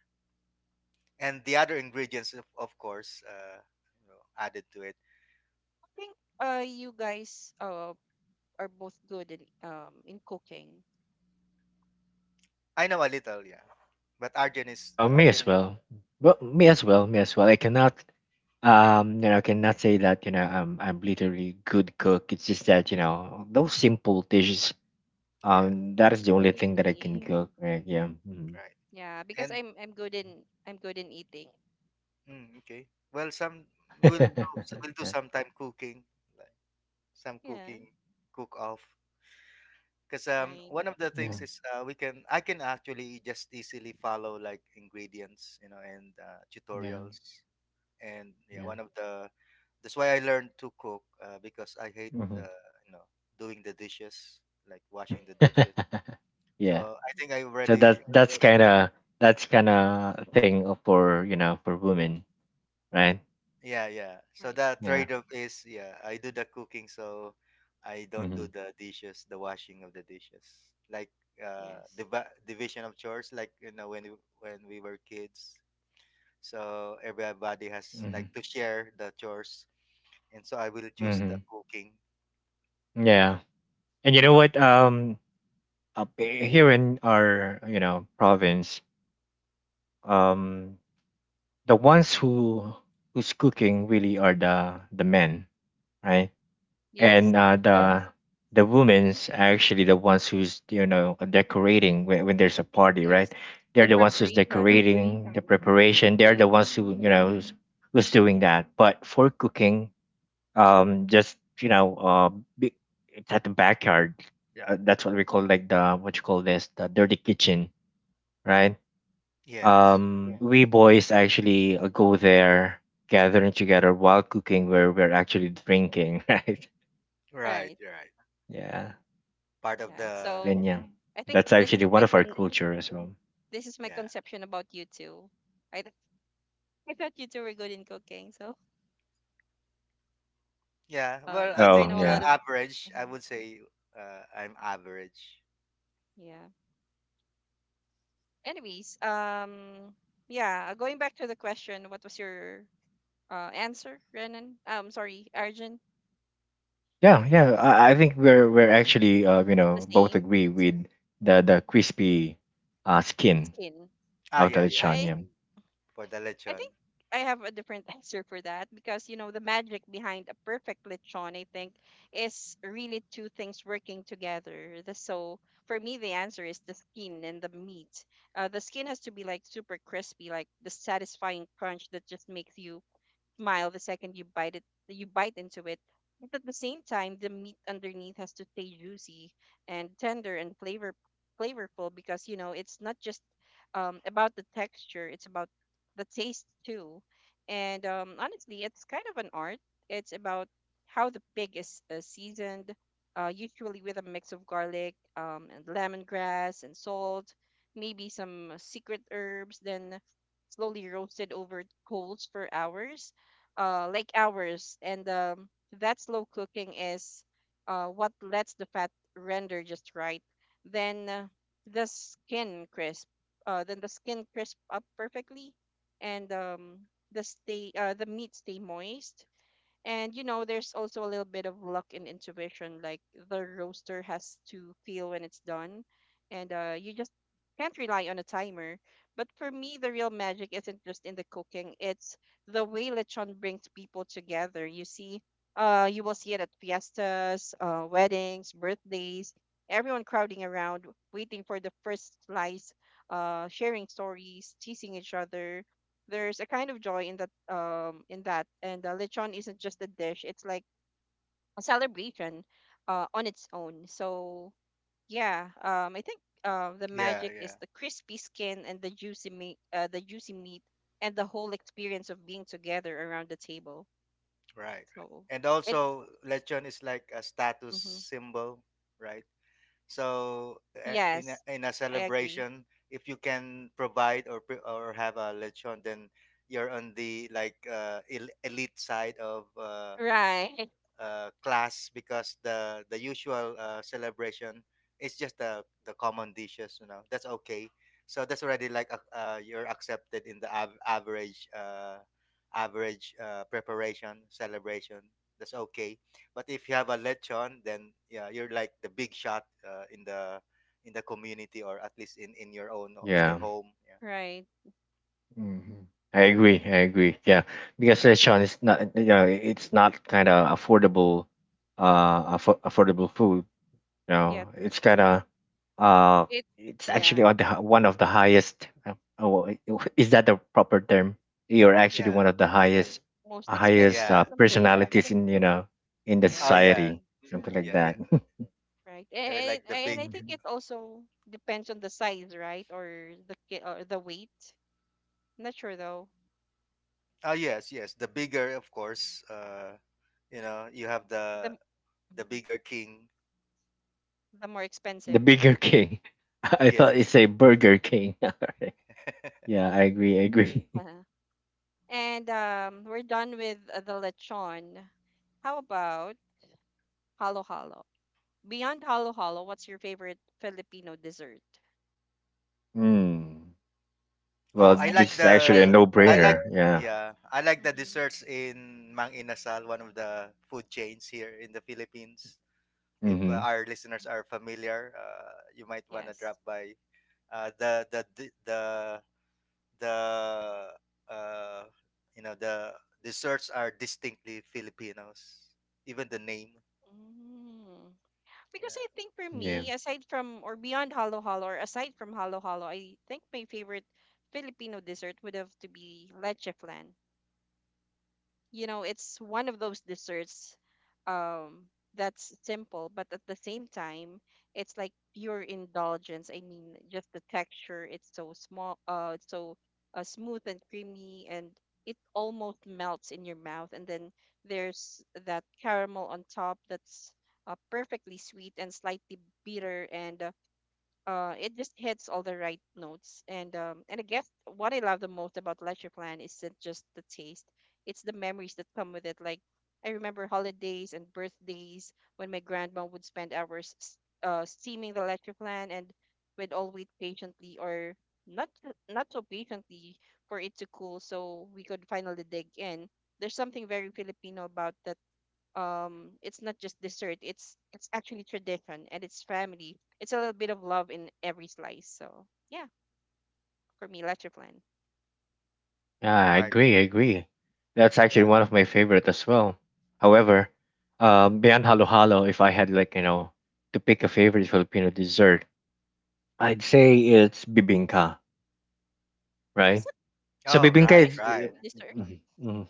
Speaker 2: And the other ingredients of, of course, uh you know, added to it.
Speaker 1: I think uh you guys uh are both good in um in cooking.
Speaker 2: I know a little, yeah. But argan is
Speaker 3: No, me
Speaker 2: uh
Speaker 3: as well. Well, me as well, me as well. I cannot Um, you know, I cannot say that, you know, I'm I'm literally good cook. It's just that, you know, those simple dishes,
Speaker 2: yeah,
Speaker 3: um, that is the only thing that I can Mm-hmm.
Speaker 1: Really?
Speaker 3: cook, right? Yeah. Hmm.
Speaker 2: right.
Speaker 1: Yeah, because
Speaker 2: And
Speaker 1: I'm I'm good in, I'm good in eating.
Speaker 2: mm, okay. Well, some we'll do we'll do sometime cooking, like some
Speaker 1: Yeah.
Speaker 2: cooking cook off. Because um,
Speaker 1: Right.
Speaker 2: one of the
Speaker 3: Yeah,
Speaker 2: things is uh, we can I can actually just easily follow like ingredients, you know, and uh,
Speaker 3: yeah,
Speaker 2: tutorials. And yeah,
Speaker 3: yeah. Yeah.
Speaker 2: one of the that's why I learned to cook uh, because I hate
Speaker 3: Hmm.
Speaker 2: uh, you know, doing the dishes, like washing the dishes.
Speaker 3: Yeah.
Speaker 2: So I
Speaker 1: Mhm.
Speaker 2: think I
Speaker 3: So that's
Speaker 2: already
Speaker 3: that's kind
Speaker 2: mentioned.
Speaker 3: of that's kind of thing of- for, you know, for women, right?
Speaker 2: Yeah, yeah. So
Speaker 1: Right.
Speaker 2: that
Speaker 3: Yeah.
Speaker 2: trade-off is yeah, I do the cooking, so I don't do
Speaker 3: Hmm.
Speaker 2: the dishes, the washing of the dishes, like uh,
Speaker 1: Yes.
Speaker 2: div- division of chores, like you know when we, when we were kids, so everybody has like
Speaker 3: Hmm.
Speaker 2: to share the chores, and so I will choose the
Speaker 3: Hmm.
Speaker 2: cooking.
Speaker 3: Yeah. And you know what? Um, up eh, here in our, you know, province, um, the ones who who's cooking really are the the men, right? And
Speaker 1: Yes.
Speaker 3: uh, Yeah. the the women's are actually the ones who's, you know, decorating when, when there's a party, right?
Speaker 1: Yes. The
Speaker 3: They're the ones who's
Speaker 1: preparation.
Speaker 3: decorating the preparation, they're the
Speaker 1: The,
Speaker 3: ones who, you know, who's, who's doing that. But for cooking, um just you know, uh be, it's at the backyard, uh, that's what we call like the what you call this, the dirty kitchen, right?
Speaker 2: Yes,
Speaker 3: Um, Yeah. we boys actually uh, go there gathering together while cooking, where we're actually drinking. Right?
Speaker 2: right,
Speaker 1: right.
Speaker 2: right,
Speaker 3: Yeah.
Speaker 2: part of
Speaker 1: Yeah.
Speaker 2: the.
Speaker 1: So
Speaker 3: And yeah, Mm.
Speaker 1: I think
Speaker 3: that's
Speaker 1: this is
Speaker 3: actually one
Speaker 1: my
Speaker 3: of our
Speaker 1: con-
Speaker 3: culture as well.
Speaker 1: this is my
Speaker 2: Yeah,
Speaker 1: conception about you two. I th- I thought you two were good in cooking. So
Speaker 2: yeah,
Speaker 1: uh,
Speaker 2: well I
Speaker 1: because you
Speaker 3: Oh
Speaker 2: think
Speaker 1: know a
Speaker 2: uh,
Speaker 3: yeah.
Speaker 1: lot of
Speaker 2: average I
Speaker 1: uh
Speaker 2: would say, uh, I'm average.
Speaker 1: yeah. Anyways, um, yeah. Going back to the question, what was your uh answer, Renan? Um, sorry, Arjun.
Speaker 3: Yeah, yeah, i, I think we're we're actually uh, you
Speaker 1: The
Speaker 3: know, both
Speaker 1: same
Speaker 3: agree with
Speaker 1: answer.
Speaker 3: the the crispy uh skin
Speaker 1: Skin.
Speaker 2: Ah
Speaker 3: of the
Speaker 2: yeah, yeah,
Speaker 3: lechon.
Speaker 1: I
Speaker 3: Yeah,
Speaker 2: for the
Speaker 1: I
Speaker 2: lechon,
Speaker 1: think I have a different answer for that because you know the magic behind a perfect lechon, I think, is really two things working together. The so for me the answer is the skin and the meat. Uh, the skin has to be like super crispy, like the satisfying crunch that just makes you smile the second you bite it you bite into it, but at the same time the meat underneath has to stay juicy and tender and flavor flavorful because you know it's not just um, about the texture, it's about the taste too. And um, honestly, it's kind of an art. It's about how the pig is uh, seasoned, uh, usually with a mix of garlic, um, and lemongrass and salt, maybe some secret herbs, then slowly roasted over coals for hours, uh, like ours. And um, that slow cooking is uh, what lets the fat render just right. Then uh, the skin crisp. Uh, then the skin crisp up perfectly, and um, the stay uh, the meat stay moist. And you know, there's also a little bit of luck and intuition. Like the roaster has to feel when it's done, and uh, you just can't rely on a timer. But for me, the real magic isn't just in the cooking; it's the way lechon brings people together. You see, uh, you will see it at fiestas, uh, weddings, birthdays. Everyone crowding around, waiting for the first slice, uh, sharing stories, teasing each other. There's a kind of joy in that um in that. And uh, lechon isn't just a dish, it's like a celebration uh on its own. So yeah, um I think uh the
Speaker 2: yeah,
Speaker 1: magic
Speaker 2: yeah,
Speaker 1: is the crispy skin and the juicy meat uh, the juicy meat and the whole experience of being together around the table.
Speaker 2: right. Right,
Speaker 1: So
Speaker 2: and
Speaker 1: it's
Speaker 2: also lechon is like a status
Speaker 1: hmm
Speaker 2: symbol, right. So uh, in a,
Speaker 1: yes,
Speaker 2: in a
Speaker 1: I agree.
Speaker 2: celebration, if you can provide or pre- or have a lechon, then you're on the like uh, el- elite side of uh,
Speaker 1: Right.
Speaker 2: uh, class because the the usual uh, celebration is just the the common dishes. You know, that's okay. So that's already like uh, uh, you're accepted in the av- average uh, average uh, preparation celebration. That's okay. But if you have a lechon, then yeah, you're like the big shot uh, in the in the community, or at least in in your own, in
Speaker 3: yeah.
Speaker 2: your home. Yeah.
Speaker 1: Right.
Speaker 3: Hmm. I agree, I agree. Yeah, because lechon is not, you know, it's not kind of affordable, uh affo- affordable food. You
Speaker 1: Yeah.
Speaker 3: know, it's kind of uh,
Speaker 1: It
Speaker 3: it's
Speaker 1: yeah,
Speaker 3: actually on the hi- one of the highest. Uh, oh, i- i- is that the proper term? You're actually
Speaker 2: Yeah.
Speaker 3: one of the highest,
Speaker 1: most
Speaker 3: uh, highest
Speaker 1: expensive
Speaker 3: uh,
Speaker 2: Yeah.
Speaker 1: something.
Speaker 3: personalities in, you know, in the
Speaker 2: Oh
Speaker 1: Yeah.
Speaker 2: yeah.
Speaker 3: society, something
Speaker 2: Yeah.
Speaker 3: like
Speaker 2: Yeah.
Speaker 3: that.
Speaker 1: Right.
Speaker 2: You're
Speaker 1: And
Speaker 2: like the
Speaker 1: and
Speaker 2: big.
Speaker 1: I think
Speaker 3: Mhm.
Speaker 1: it also depends on the size, right? Or the ki- or the weight. Not sure though.
Speaker 2: Oh yes, yes. The bigger, of course. Uh, You know, you have
Speaker 1: The
Speaker 2: the
Speaker 1: m-
Speaker 2: the
Speaker 1: mhm,
Speaker 2: bigger king.
Speaker 1: the more
Speaker 3: The
Speaker 1: expensive.
Speaker 3: Bigger King. I thought it's
Speaker 2: Yes.
Speaker 3: a Burger King. Yeah, I agree. I agree.
Speaker 1: Uh-huh. And um, we're done with uh, the lechon. How about halo halo? Beyond halo halo, what's your favorite Filipino dessert?
Speaker 3: Mm.
Speaker 2: Oh,
Speaker 3: Well,
Speaker 1: Yes,
Speaker 2: I
Speaker 1: I think
Speaker 2: like
Speaker 3: this is actually a
Speaker 1: my.
Speaker 2: the I like
Speaker 3: no-brainer. Yeah.
Speaker 2: yeah, I like the
Speaker 1: Hmm
Speaker 2: desserts in Mang Inasal, one of the food chains here in the Philippines. If uh,
Speaker 3: Mm-hmm.
Speaker 2: our listeners are familiar, uh, you might want to
Speaker 1: Yes.
Speaker 2: drop by. Uh, the the the the, the uh, you know, the desserts are distinctly Filipinos. Even the name.
Speaker 1: Mm. Because I
Speaker 2: Yeah.
Speaker 1: think for
Speaker 3: Yeah.
Speaker 1: me, aside from or beyond Halo Halo or aside from Halo Halo, I think my favorite Filipino dessert would have to be leche flan. You know, it's one of those desserts, um that's simple, but at the same time it's like pure indulgence. I mean, just the texture, it's so small, uh it's so uh, smooth and creamy, and it almost melts in your mouth. And then there's that caramel on top that's uh, perfectly sweet and slightly bitter, and uh, uh, it just hits all the right notes. And um, and I guess what I love the most about Leisure Plan isn't just the taste; it's the memories that come with it. Like, I remember holidays and birthdays when my grandma would spend hours s- uh, steaming the Leisure Plan, and we'd all wait patiently, or not so- not so patiently, for it to cool so we could finally dig in. There's something very Filipino about that. Um it's not just dessert, it's it's actually tradition, and it's family, it's a little bit of love in every slice. So yeah, for me, leche plan
Speaker 3: Yeah, I
Speaker 2: Right.
Speaker 3: agree. I agree. That's actually
Speaker 2: Yeah.
Speaker 3: one of my favorite as well. However, um, beyond halo halo, if I had like, you know, to pick a favorite Filipino dessert, I'd say it's bibingka,
Speaker 1: is
Speaker 3: right?
Speaker 1: that,
Speaker 3: So
Speaker 1: the
Speaker 2: Oh,
Speaker 1: pink
Speaker 3: bibingka
Speaker 1: guy,
Speaker 2: right,
Speaker 1: is
Speaker 3: is
Speaker 1: that
Speaker 2: right.
Speaker 1: dessert?
Speaker 3: Mhm, mhm.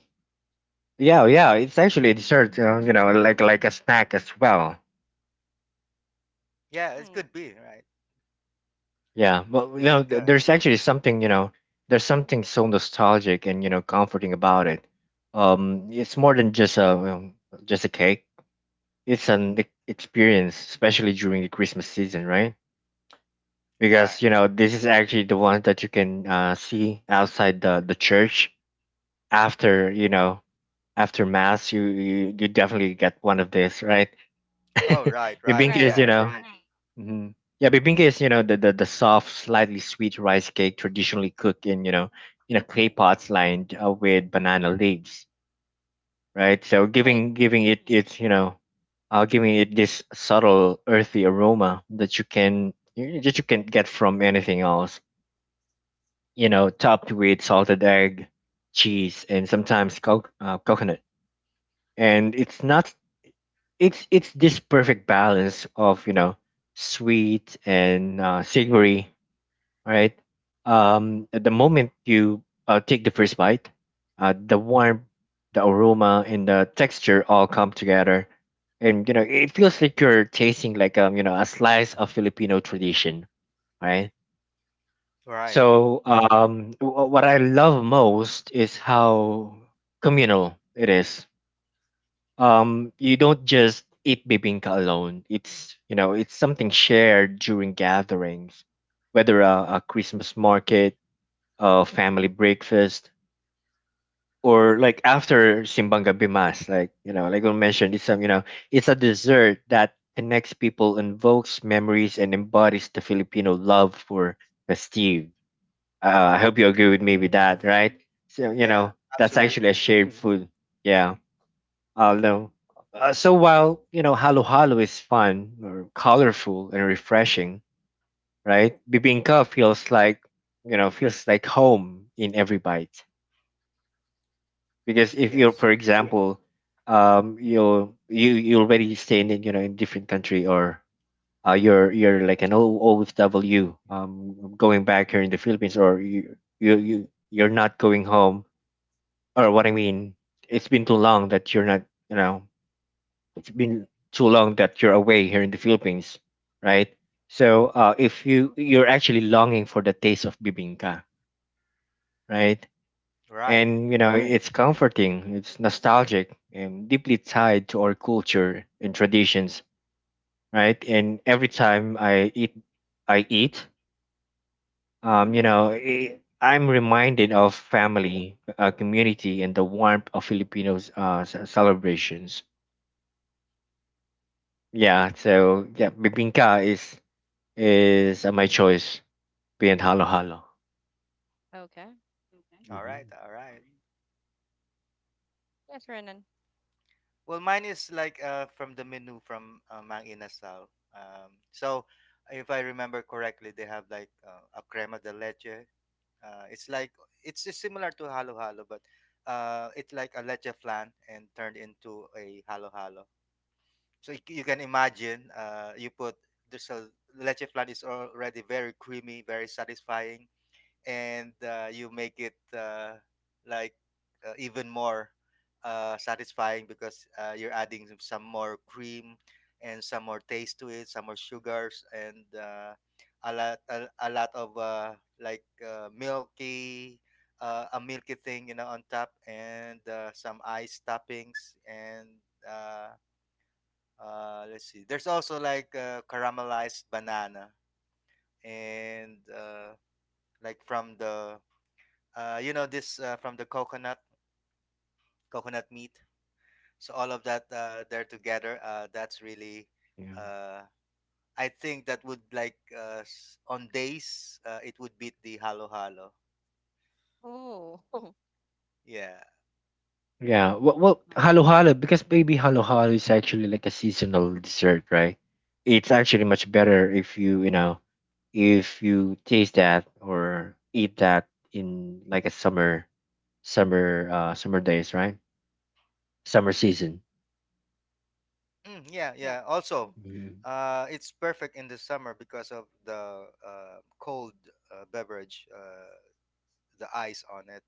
Speaker 3: yeah, yeah. It's actually a dessert, uh, you know, like like a snack as well.
Speaker 2: Yeah, it
Speaker 1: Mm,
Speaker 2: could be right.
Speaker 3: Yeah, but you know, th-
Speaker 2: Bibinka.
Speaker 3: there's actually something, you know, there's something so nostalgic and, you know, comforting about it. Um, it's more than just a um, just a cake, it's an e- experience, especially during the Christmas season, right?
Speaker 2: Right.
Speaker 3: Because you know this is actually the one that you can uh, see outside the the church after you know after mass. You you, you definitely get one of these, right?
Speaker 2: Oh, right, right.
Speaker 3: Bibingka
Speaker 1: right
Speaker 3: is, you
Speaker 2: Yeah.
Speaker 3: know, mhm. yeah, bibingka is, you know, the, the the soft, slightly sweet rice cake traditionally cooked in, you know, in a clay pots lined uh, with banana leaves, right? So
Speaker 1: right
Speaker 3: giving giving it its, you know, uh, giving it this subtle earthy aroma that you can you- that you can get from anything else. You know, topped with salted egg, cheese, and sometimes co- uh, coconut. And it's not, it's it's this perfect balance of, you know, sweet and uh, savory, right? Um, at the moment you uh, take the first bite, uh, the warmth, the aroma, and the texture all come together, and you know it feels like you're tasting like um you know a slice of Filipino tradition, right?
Speaker 2: Right.
Speaker 3: So um, wh- what I love most is how communal it is. Um, you don't just eat bibingka alone. It's, you know, it's something shared during gatherings, whether a, a Christmas market, uh, family breakfast, or like after Simbang Gabi Mas, like you know, like I mentioned, it's some, you know, it's a dessert that connects people, invokes memories, and embodies the Filipino love for festive. Uh, I hope you agree with me with that, right? So you
Speaker 2: Yeah.
Speaker 3: know, that's Yeah.
Speaker 2: Absolutely.
Speaker 3: actually a shared hmm food. Yeah, I'll know. Uh, so while you know, halo halo is fun or colorful and refreshing, right? Bibingka feels like, you know, feels like home in every bite, because if you're,
Speaker 2: Yes.
Speaker 3: for example, um, you're you you already staying in a, you know, in different country, or uh, you're you're like an O- OFW um going back here in the Philippines, or you you you you're not going home, or what I mean, it's been too long that you're not, you know, it's been too long that you're away here in the Philippines, right? So uh, if you you're actually longing for the taste of bibingka, right?
Speaker 2: Right.
Speaker 3: And you know, it's comforting, it's nostalgic, and deeply tied to our culture and traditions, right? And every time I eat, I eat, um, you know, i I'm reminded of family, uh, community, and the warmth of Filipinos' uh, ce- celebrations. Yeah,
Speaker 1: mm,
Speaker 3: so yeah, bibingka is is uh, my choice. Being halo halo.
Speaker 1: okay
Speaker 2: All right.
Speaker 3: Hmm.
Speaker 2: All right.
Speaker 1: yes Renan.
Speaker 2: Well, mine is like uh, from the menu from uh, Mang Inasal. Um, so, if I remember correctly, they have like uh, a crema de leche. Uh, it's like it's just similar to halo halo, but uh, it's like a leche flan and turned into a halo halo. So you, c- you can imagine uh, you put there's a leche flan is already very creamy, very satisfying, and uh, you make it uh, like uh, even more uh, satisfying because uh, you're adding some some more cream and some more taste to it, some more sugars and uh, a lot a, a lot of uh, like uh, milky uh, a milky thing, you know, on top, and uh, some ice toppings. And uh, uh, let's see, there's also like uh, caramelized banana, and uh, like from the uh, you know this, uh, from the coconut coconut meat. So all of that uh, there together, uh, that's really
Speaker 3: Yeah.
Speaker 2: uh, I think that would like uh, s- on days, uh, it would beat the halo halo.
Speaker 1: Oh
Speaker 2: Yeah.
Speaker 3: Yeah, well, well,
Speaker 1: Oh,
Speaker 3: halo
Speaker 1: okay.
Speaker 3: halo because baby halo halo is actually like a seasonal dessert, right? It's actually much better if you, you know, if you taste that or eat that in like a summer summer uh summer days, right? Summer season.
Speaker 2: Mm, yeah,
Speaker 1: Yeah.
Speaker 2: yeah.
Speaker 1: Hmm.
Speaker 2: Also,
Speaker 3: Mhm.
Speaker 2: uh, it's perfect in the summer because of the uh, cold uh, beverage, uh, the ice on it.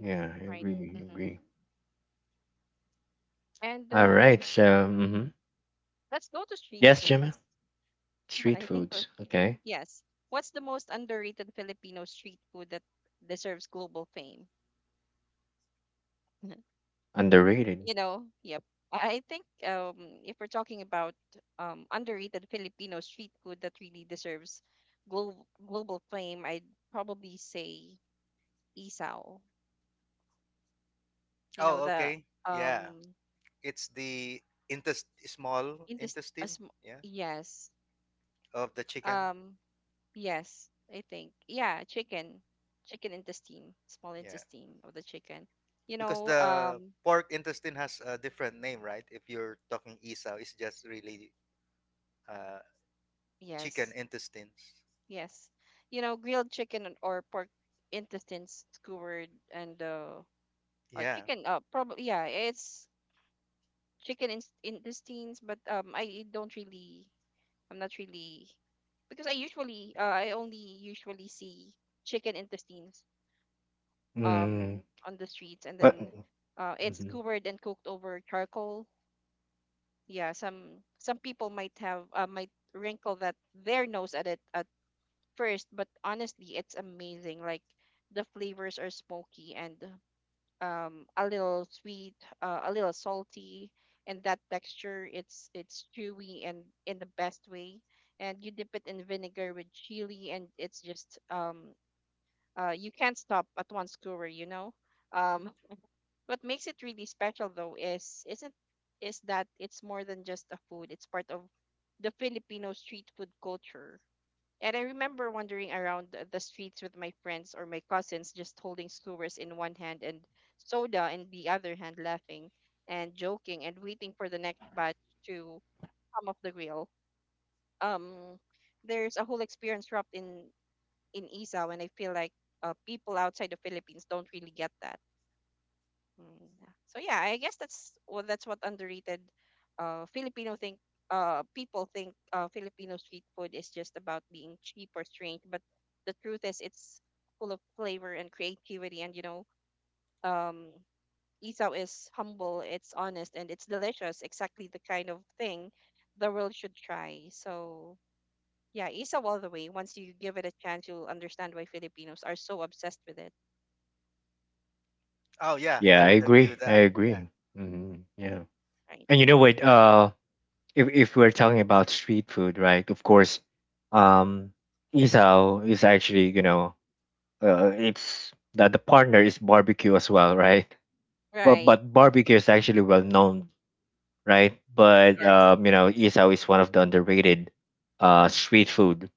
Speaker 3: Yeah, I
Speaker 1: Right.
Speaker 3: agree, I
Speaker 1: Hmm.
Speaker 3: agree.
Speaker 1: And
Speaker 3: All
Speaker 1: um
Speaker 3: right, so hmm
Speaker 1: let's go to street
Speaker 3: yes, Gemma,
Speaker 1: foods.
Speaker 3: street
Speaker 1: I think uh,
Speaker 3: foods, okay,
Speaker 1: yes, what's the most underrated Filipino street food that deserves global fame?
Speaker 3: underrated.
Speaker 1: You know, yep. I I think um, if we're talking about um, underrated Filipino street food that really deserves global global fame, I'd probably say isaw. You know,
Speaker 2: Oh,
Speaker 1: the
Speaker 2: okay. Yeah,
Speaker 1: um
Speaker 2: it's the intest small
Speaker 1: in this a
Speaker 2: intestine.
Speaker 1: sm-
Speaker 2: Yeah,
Speaker 1: yes,
Speaker 2: of the chicken.
Speaker 1: um yes, I think yeah, chicken chicken intestine, small
Speaker 2: Yeah.
Speaker 1: intestine of the chicken. You
Speaker 2: Because
Speaker 1: know,
Speaker 2: the
Speaker 1: um
Speaker 2: pork intestine has a different name, right? If you're talking isaw, it's just really uh, chicken
Speaker 1: yes,
Speaker 2: intestines.
Speaker 1: yes, you know, grilled chicken and- or pork intestines skewered and uh uh,
Speaker 2: Yeah.
Speaker 1: chicken. Uh, probably yeah. It's chicken in intestines, but um, I don't really. I'm not really, because I usually uh, I only usually see chicken intestines
Speaker 3: Mm,
Speaker 1: um on the streets, and
Speaker 3: but
Speaker 1: then uh, it's
Speaker 3: mhm.
Speaker 1: covered and cooked over charcoal. Yeah, some some people might have uh, might wrinkle that their nose at it at first, but honestly, it's amazing. Like, the flavors are smoky and um, a little sweet, uh, a little salty, and that texture, it's it's chewy and in the best way. And you dip it in vinegar with chili, and it's just um, uh, you can't stop at one skewer, you know. Um, what makes it really special though is isn't is that it's more than just a food. It's part of the Filipino street food culture. And I remember wandering around the the streets with my friends or my cousins, just holding skewers in one hand and soda in the other hand, laughing and joking and waiting for the next batch to come off the grill. Um, there's a whole experience wrapped in in Isa, and I feel like uh, people outside the Philippines don't really get that. Mm. So yeah, I guess that's, well, that's what underrated uh Filipino think uh people think uh Filipino street food is just about being cheap or strange, but the truth is it's full of flavor and creativity, and you know, um Isaw is humble, it's honest, and it's delicious, exactly the kind of thing the world should try. So yeah, Isaw all the way. Once you give it a chance, you'll understand why Filipinos are so obsessed with it,
Speaker 2: Oh, yeah. I
Speaker 3: yeah, I
Speaker 2: would agree with
Speaker 3: agree,
Speaker 2: that.
Speaker 3: I
Speaker 2: Yeah.
Speaker 3: agree. Hmm. Yeah.
Speaker 1: right?
Speaker 3: And you know what?
Speaker 2: Yeah.
Speaker 3: Uh, if if we're talking about street food, right? Of course, um, isao is actually, you know, uh, it's that the partner is barbecue as well, right? Well,
Speaker 1: Right.
Speaker 3: but barbecue is actually well known, right? But
Speaker 1: Yes.
Speaker 3: um, you know, isao is one of the underrated uh street food,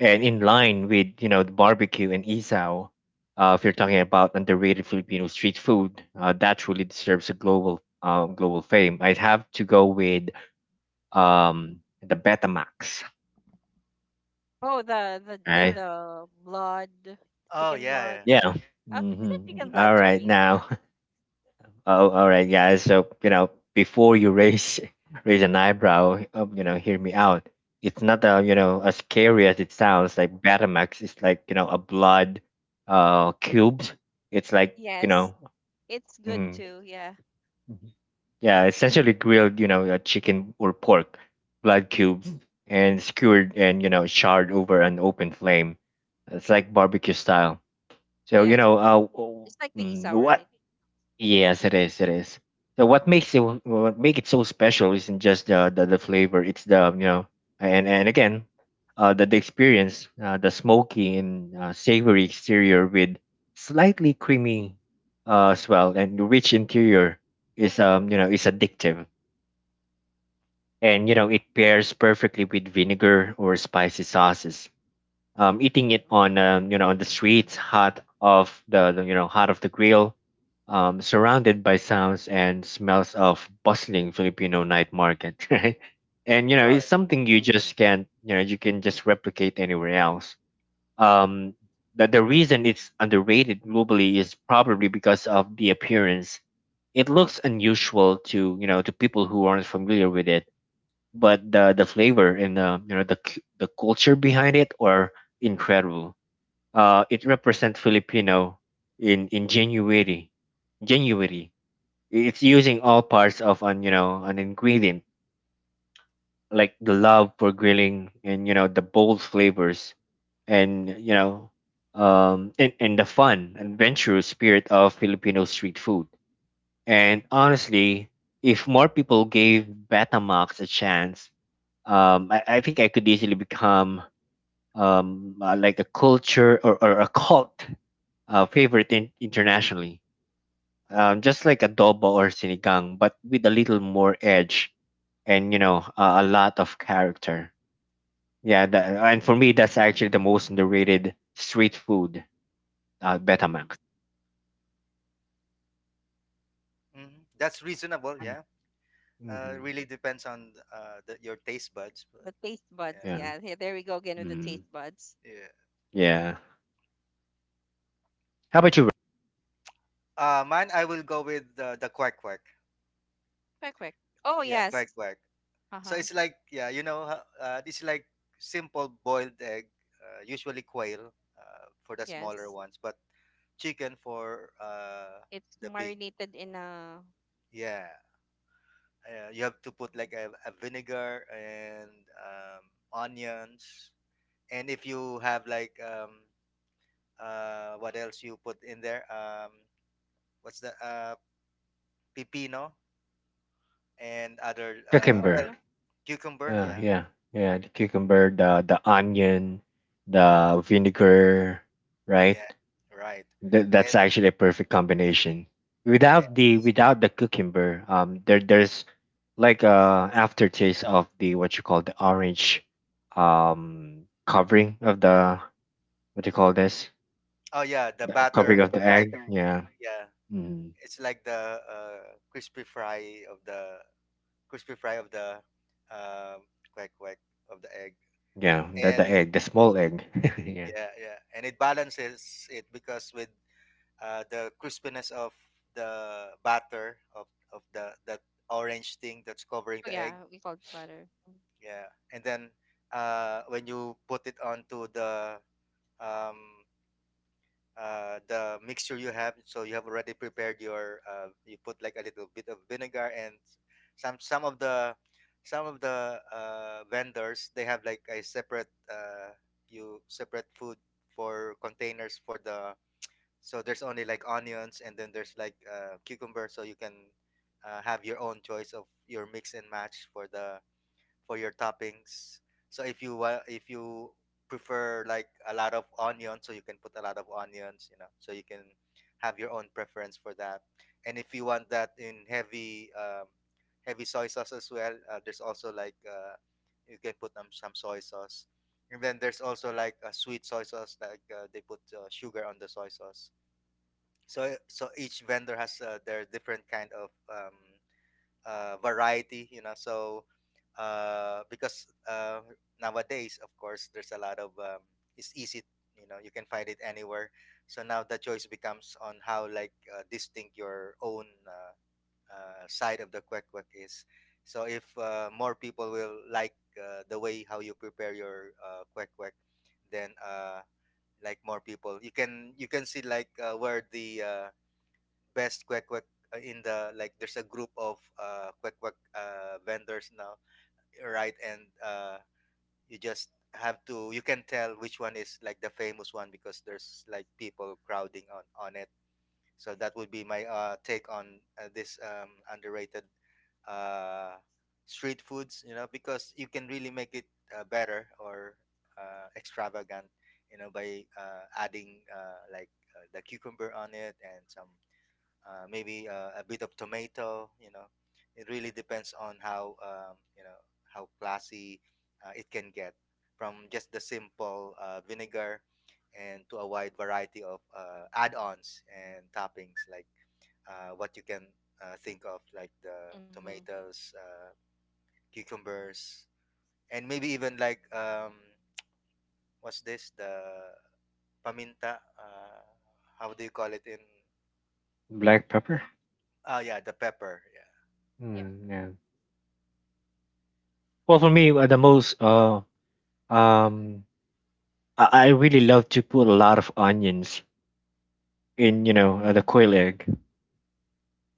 Speaker 3: and in line with you know the barbecue and isao. Uh, if you're talking about underrated Filipino street food, uh, that truly deserves a global um, global fame. I'd have to go with um, the Betamax.
Speaker 1: Oh, the the the,
Speaker 3: Right?
Speaker 1: the blood,
Speaker 2: Oh,
Speaker 1: chicken
Speaker 2: yeah.
Speaker 1: blood.
Speaker 2: Yeah.
Speaker 3: Yeah.
Speaker 1: Uh, is it
Speaker 3: Hmm.
Speaker 1: chicken
Speaker 3: All
Speaker 1: blood?
Speaker 3: right
Speaker 1: Sorry.
Speaker 3: now. Oh, all right, guys. So you know, before you raise raise an eyebrow, um, you know, hear me out. It's not uh, you know as scary as it sounds. Like Batamax is like you know a blood, uh, cubes. It's like you
Speaker 1: Yes,
Speaker 3: know,
Speaker 1: it's good
Speaker 3: mhm,
Speaker 1: too. Yeah.
Speaker 3: yeah, essentially grilled you know uh, chicken or pork, blood cubes, and skewered and you know charred over an open flame. It's like barbecue style. So you
Speaker 1: Yes,
Speaker 3: know, uh, w-
Speaker 1: just like the
Speaker 3: mm,
Speaker 1: isaw,
Speaker 3: what?
Speaker 1: right?
Speaker 3: Yes, it is. It is. So what makes it what make it so special isn't just the the, the flavor. It's the you know, and and again, uh, the the experience, uh, the smoky and uh, savory exterior with slightly creamy, uh, as well, and the rich interior is um you know is addictive, and you know it pairs perfectly with vinegar or spicy sauces, um, eating it on um, you know on the streets, hot off the, the you know hot off the grill, um, surrounded by sounds and smells of bustling Filipino night market, right? And you
Speaker 2: You're
Speaker 3: know it's
Speaker 2: right.
Speaker 3: something you just can't you know you can just replicate anywhere else. Um, the the reason it's underrated globally is probably because of the appearance. It looks unusual to you know to people who aren't familiar with it, but the the flavor and the you know the cu- the culture behind it are incredible. Uh, it represents Filipino in in January. January. It's using all parts of an you know an ingredient, like the love for grilling and you know the bold flavors, and you know um and, and the fun adventurous spirit of Filipino street food. And honestly, if more people gave Betamax a chance, um, I, I think I could easily become um uh, like a culture or, or a cult, uh, favorite in, internationally, um, just like adobo or sinigang, but with a little more edge and you know uh, a a lot of character. Yeah, that, and for me, that's actually the most underrated street food. Uh, Betamax.
Speaker 2: Hmm. That's reasonable. Yeah. Uh,
Speaker 3: Mm-hmm.
Speaker 2: really depends on uh, the, your taste buds, but
Speaker 1: The taste buds.
Speaker 2: yeah.
Speaker 3: Yeah.
Speaker 1: Yeah. Here, there we go again with the
Speaker 3: Mm-hmm.
Speaker 1: taste buds.
Speaker 2: Yeah.
Speaker 3: Yeah. How about you, Ro-
Speaker 2: Uh, mine, I will go with uh, the quack quack.
Speaker 1: Quick, quick. Oh
Speaker 2: Yeah,
Speaker 1: yes.
Speaker 2: quack quack.
Speaker 1: Uh
Speaker 2: So
Speaker 1: huh.
Speaker 2: it's like, yeah, you know, ho- uh, this is like simple boiled egg, uh, usually quail uh, for the smaller
Speaker 1: Yes.
Speaker 2: ones, but chicken for uh,
Speaker 1: It's
Speaker 2: the big.
Speaker 1: marinated in a
Speaker 2: Yeah, uh, you have to put
Speaker 1: mhm,
Speaker 2: like a, a vinegar and um, onions, and if you have like um, uh, what else you put in there? Um, what's the uh, pepino and other uh,
Speaker 1: cucumber.
Speaker 3: cucumber?
Speaker 2: well,
Speaker 1: Yeah.
Speaker 2: cucumber?
Speaker 3: Uh,
Speaker 2: Yeah,
Speaker 3: yeah, yeah. The cucumber, the the onion, the vinegar, right?
Speaker 2: yeah, right,
Speaker 3: Th-
Speaker 2: and
Speaker 3: that's actually a perfect combination. Without the
Speaker 2: yes.
Speaker 3: without the cucumber, um, there there's like a aftertaste of the what you call the orange, um, covering of the what do you call this?
Speaker 2: Oh yeah, the
Speaker 3: The covering
Speaker 2: batter,
Speaker 3: of the
Speaker 2: like,
Speaker 3: egg. Yeah,
Speaker 2: yeah,
Speaker 3: mm,
Speaker 2: it's like the uh, crispy fry of the crispy fry of the uh, quack quack of the egg,
Speaker 3: yeah. The the
Speaker 2: and
Speaker 3: egg, the small egg. Yeah,
Speaker 2: yeah, yeah, and it balances it because with uh, the crispiness of the batter of of the that orange thing that's covering
Speaker 1: Oh
Speaker 2: the egg,
Speaker 1: yeah. We call it butter.
Speaker 2: yeah. And then uh, when you put it onto the um, uh, the mixture you have. So you have already prepared your. Uh, you put like a little bit of vinegar, and some some of the some of the uh, vendors, they have like a separate uh, you separate food for containers for the, so there's only like onions, and then there's like uh, cucumber, so you can uh, have your own choice of your mix and match for the, for your toppings. So if you wa- if you prefer like a lot of onions, so you can put a lot of onions, you know, so you can have your own preference for that. And if you want that in heavy um, heavy soy sauce as well, uh, there's also like uh, you can put um, some soy sauce. And then there's also like a sweet soy sauce, like uh, they put uh, sugar on the soy sauce. So so each vendor has uh, their different kind of um, uh, variety, you know. So uh, because uh, nowadays, of course, there's a lot of um, it's easy, you know, you can find it anywhere. So now the choice becomes on how like uh, distinct your own uh, uh, side of the kwek kwek is. So if uh, more people will like uh, the way how you prepare your uh, kwek kwek, then uh, like more people, you can you can see like uh, where the uh, best kwek kwek uh, in the, like there's a group of uh kwek kwek uh vendors now, right, and uh you just have to, you can tell which one is like the famous one because there's like people crowding on on it. So that would be my uh take on uh, this um underrated uh street foods, you know, because you can really make it uh, better or uh, extravagant, you know, by uh, adding uh, like uh, the cucumber on it, and some uh, maybe uh, a bit of tomato. You know, it really depends on how, um, you know, how classy uh, it can get, from just the simple uh, vinegar, and to a wide variety of uh, add-ons and toppings, like uh, what you can uh, think of, like the
Speaker 1: Mm-hmm.
Speaker 2: tomatoes, uh, cucumbers, and maybe even like um, what's this, the paminta? Uh, how do you call it in?
Speaker 3: black pepper.
Speaker 2: Ah, yeah, the pepper. Yeah.
Speaker 1: Yep.
Speaker 3: Mm, yeah. Well, for me, uh, the most uh um, I, I really love to put a lot of onions in you know uh, the quail egg.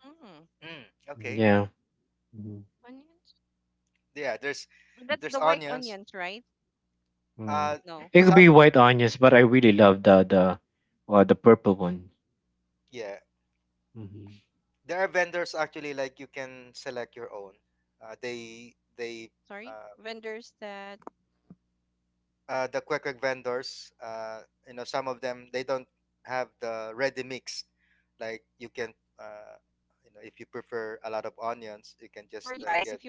Speaker 1: Mm.
Speaker 2: Mm, okay.
Speaker 3: Yeah. Mm-hmm.
Speaker 1: Onions.
Speaker 2: Yeah, there's
Speaker 1: That's
Speaker 2: there's
Speaker 1: the white
Speaker 2: onions
Speaker 1: onions, right?
Speaker 3: Mm.
Speaker 2: uh
Speaker 1: No.
Speaker 3: It could be
Speaker 2: some,
Speaker 3: white onions, but I really love the the uh, the purple one.
Speaker 2: yeah,
Speaker 3: Hmm.
Speaker 2: there are vendors actually, like you can select your own uh, they they
Speaker 1: Sorry.
Speaker 2: um,
Speaker 1: Vendors that.
Speaker 2: uh, the quick
Speaker 1: Mm.
Speaker 2: quick vendors. Uh,
Speaker 1: And
Speaker 2: you know,
Speaker 1: um.
Speaker 2: some of them, they don't have the ready
Speaker 1: Yes,
Speaker 2: mix,
Speaker 1: um,
Speaker 2: like you can uh, you know, if you
Speaker 1: for you
Speaker 2: prefer a lot
Speaker 1: guys,
Speaker 2: of
Speaker 1: if you were
Speaker 2: onions, you
Speaker 1: creating a
Speaker 2: can just uh,
Speaker 1: Filipino
Speaker 2: get.
Speaker 1: thing,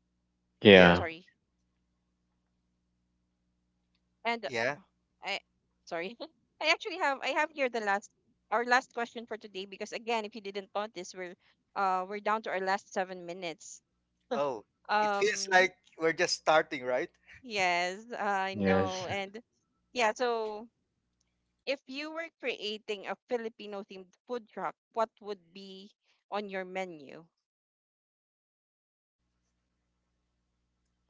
Speaker 1: oh, sorry,
Speaker 2: Yeah.
Speaker 3: Yeah.
Speaker 1: and oh,
Speaker 2: Yeah.
Speaker 1: I, sorry, I actually have I have here the last our last question for today, because again, if you didn't count this, we're uh we're down to our last seven minutes.
Speaker 2: Oh, it feels
Speaker 1: Um,
Speaker 2: like we're just starting, right?
Speaker 1: yes, I
Speaker 3: Yes.
Speaker 1: know, and yeah, so if you were creating a Filipino themed food truck, what would be on your menu?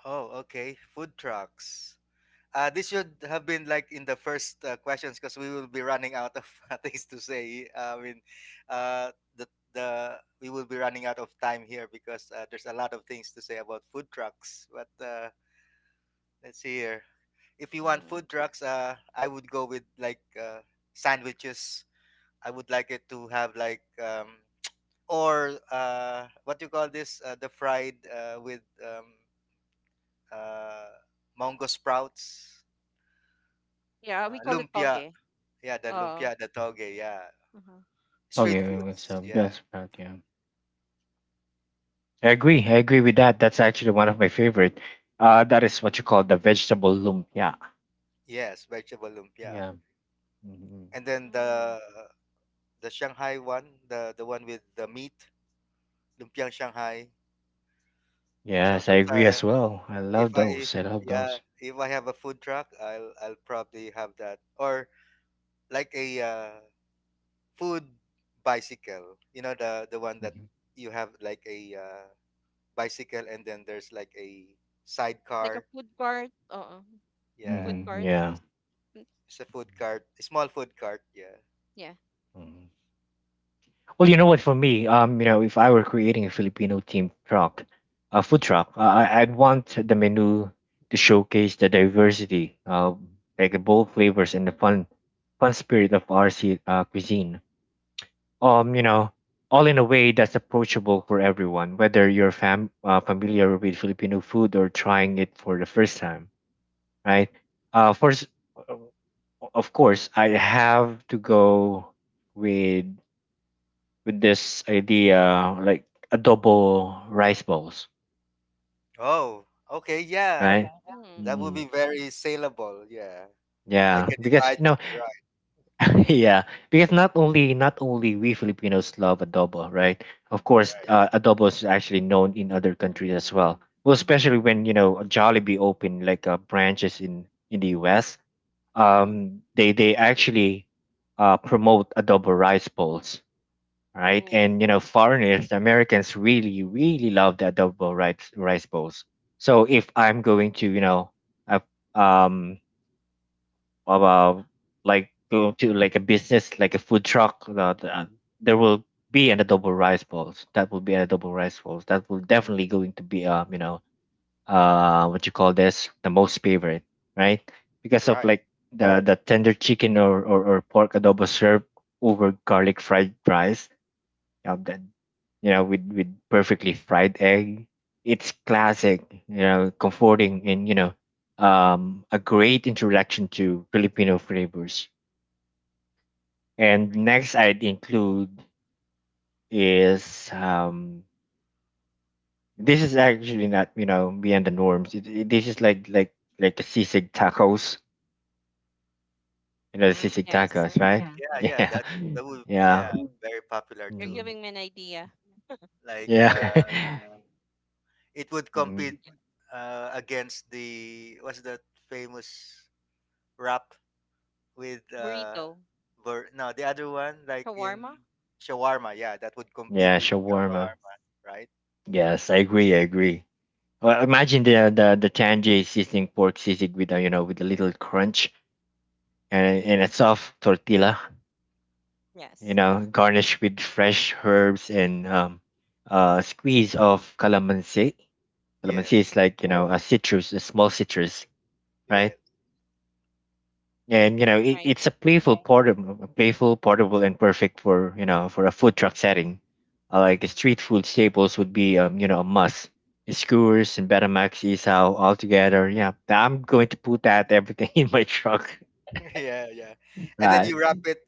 Speaker 2: Oh, okay, food trucks. Uh, this should have been like in the first uh, questions, because we will be running out of things to say. I mean, uh, the the we will be running out of time here, because uh, there's a lot of things to say about food trucks. But uh, let's see here. If you want
Speaker 1: Hmm.
Speaker 2: food trucks, uh, I would go with like uh, sandwiches. I would like it to have like um, or uh, what do you call this? Uh, the fried uh, with um, uh, mango sprouts,
Speaker 1: Yeah, we
Speaker 2: uh,
Speaker 1: call it
Speaker 2: lumpia.
Speaker 1: toge.
Speaker 2: Yeah, the
Speaker 1: Oh.
Speaker 2: lumpia, the toge, yeah.
Speaker 1: Mm-hmm.
Speaker 2: Street
Speaker 3: Okay, it was
Speaker 2: foods,
Speaker 3: um,
Speaker 2: yeah.
Speaker 3: Bell sprout. Yeah, I agree. I agree with that. That's actually one of my favorite. Uh, that is what you call the vegetable lumpia.
Speaker 2: Yes, vegetable lumpia.
Speaker 3: Yeah. Hmm.
Speaker 2: And then
Speaker 1: Mm.
Speaker 2: the the Shanghai one, the the one with the meat, lumpiang Shanghai. So
Speaker 3: Yes, I
Speaker 2: those
Speaker 3: agree
Speaker 2: are,
Speaker 3: as well. I
Speaker 2: if
Speaker 3: love
Speaker 2: I,
Speaker 3: those. I love
Speaker 2: yeah,
Speaker 3: those.
Speaker 2: if I have a food truck, I'll I'll probably have that, or like a uh, food bicycle. You know, the the one that
Speaker 3: Hmm.
Speaker 2: you have like a uh, bicycle, and then there's like a
Speaker 1: Like a
Speaker 2: sidecar.
Speaker 1: food court? Oo.
Speaker 2: Yeah,
Speaker 1: Food
Speaker 3: Hmm.
Speaker 1: court?
Speaker 3: Yeah.
Speaker 1: Tas- mm,
Speaker 2: it's a food cart, a small food cart. Yeah.
Speaker 1: Yeah.
Speaker 3: Mm-hmm. Well, you know what? For me, um, you know, if I were creating a Filipino themed truck, a food truck, uh, I- I'd want the menu to showcase the diversity, uh, like the bold flavors and the fun, fun spirit of R C uh, cuisine. Um, you know, all in a way that's approachable for everyone, whether you're fam uh, familiar with Filipino food or trying it for the first time, right? Uh, first, of course, I have to go with with this idea like adobo rice balls,
Speaker 2: Oh, okay, yeah.
Speaker 3: right?
Speaker 2: That
Speaker 1: Mm.
Speaker 2: would
Speaker 3: Mm,
Speaker 2: be very saleable. Yeah, I
Speaker 3: yeah,
Speaker 2: can
Speaker 3: because you know,
Speaker 2: imagine. Right,
Speaker 3: yeah, because not only not only we Filipinos love adobo, right? Of course,
Speaker 2: right,
Speaker 3: uh, adobo is actually known in other countries as well. Well, especially when you know Jollibee opened like uh, branches in in the U S.
Speaker 1: Mm-hmm.
Speaker 3: Um, they they actually uh, promote adobo rice balls, right? And
Speaker 1: Oh,
Speaker 3: you know, foreigners, the Americans really, really love the adobo rice rice bowls. So if I'm going to, you know, a- um, about like go to like a business, like a food truck, uh, the- uh, there will be an adobo rice bowls. That will be an adobo rice bowls. That will definitely going to be, um, you know, uh, what you call this, the most favorite, right? Because of
Speaker 2: right.
Speaker 3: like the the tender chicken or or, or pork adobo served over garlic fried rice, um, then you know with with perfectly fried egg. It's classic, you know comforting, and you know um a great introduction to Filipino flavors. And
Speaker 1: right.
Speaker 3: next I'd include is um this is actually not you know beyond the norms. It, it- this is like like like the sisig tacos, you know, the
Speaker 2: Mm,
Speaker 3: sisig
Speaker 1: Yes.
Speaker 3: tacos. Oh, right.
Speaker 2: yeah,
Speaker 1: Yes.
Speaker 2: yeah.
Speaker 3: Yeah.
Speaker 2: That
Speaker 3: Yeah
Speaker 2: that would,
Speaker 3: yeah.
Speaker 2: yeah, very popular
Speaker 1: You're
Speaker 2: too.
Speaker 3: Mm.
Speaker 1: giving me an idea.
Speaker 2: Like
Speaker 3: Yeah.
Speaker 2: uh, it would compete
Speaker 3: Mm.
Speaker 2: uh, against the, what's that famous wrap with uh,
Speaker 1: Burrito.
Speaker 2: ver- no, the other one, like in
Speaker 1: Shawarma?
Speaker 2: shawarma. Yeah, that would compete
Speaker 3: Yeah,
Speaker 2: with
Speaker 3: shawarma.
Speaker 2: shawarma. Right.
Speaker 3: Yes, I agree, I agree. Well, imagine the the the tangy seasoning pork sisig with a you know with a little crunch and and a soft tortilla, you
Speaker 1: Yes.
Speaker 3: know, garnished with fresh herbs and um uh squeeze of calamansi. Calamansi
Speaker 2: Yes.
Speaker 3: is like you know. Oh, a citrus, a small citrus, right?
Speaker 2: Yes.
Speaker 3: And you know, it,
Speaker 1: Right.
Speaker 3: it's a
Speaker 1: Mhm.
Speaker 3: playful portable, a playful portable, and perfect for you know for a food truck setting. Uh, like street food staples would be um you know a must. Skewers and Betamax Isao all together. Yeah, I'm going to put that everything in my truck.
Speaker 2: Yeah, yeah. And then
Speaker 3: Right.
Speaker 2: you wrap it.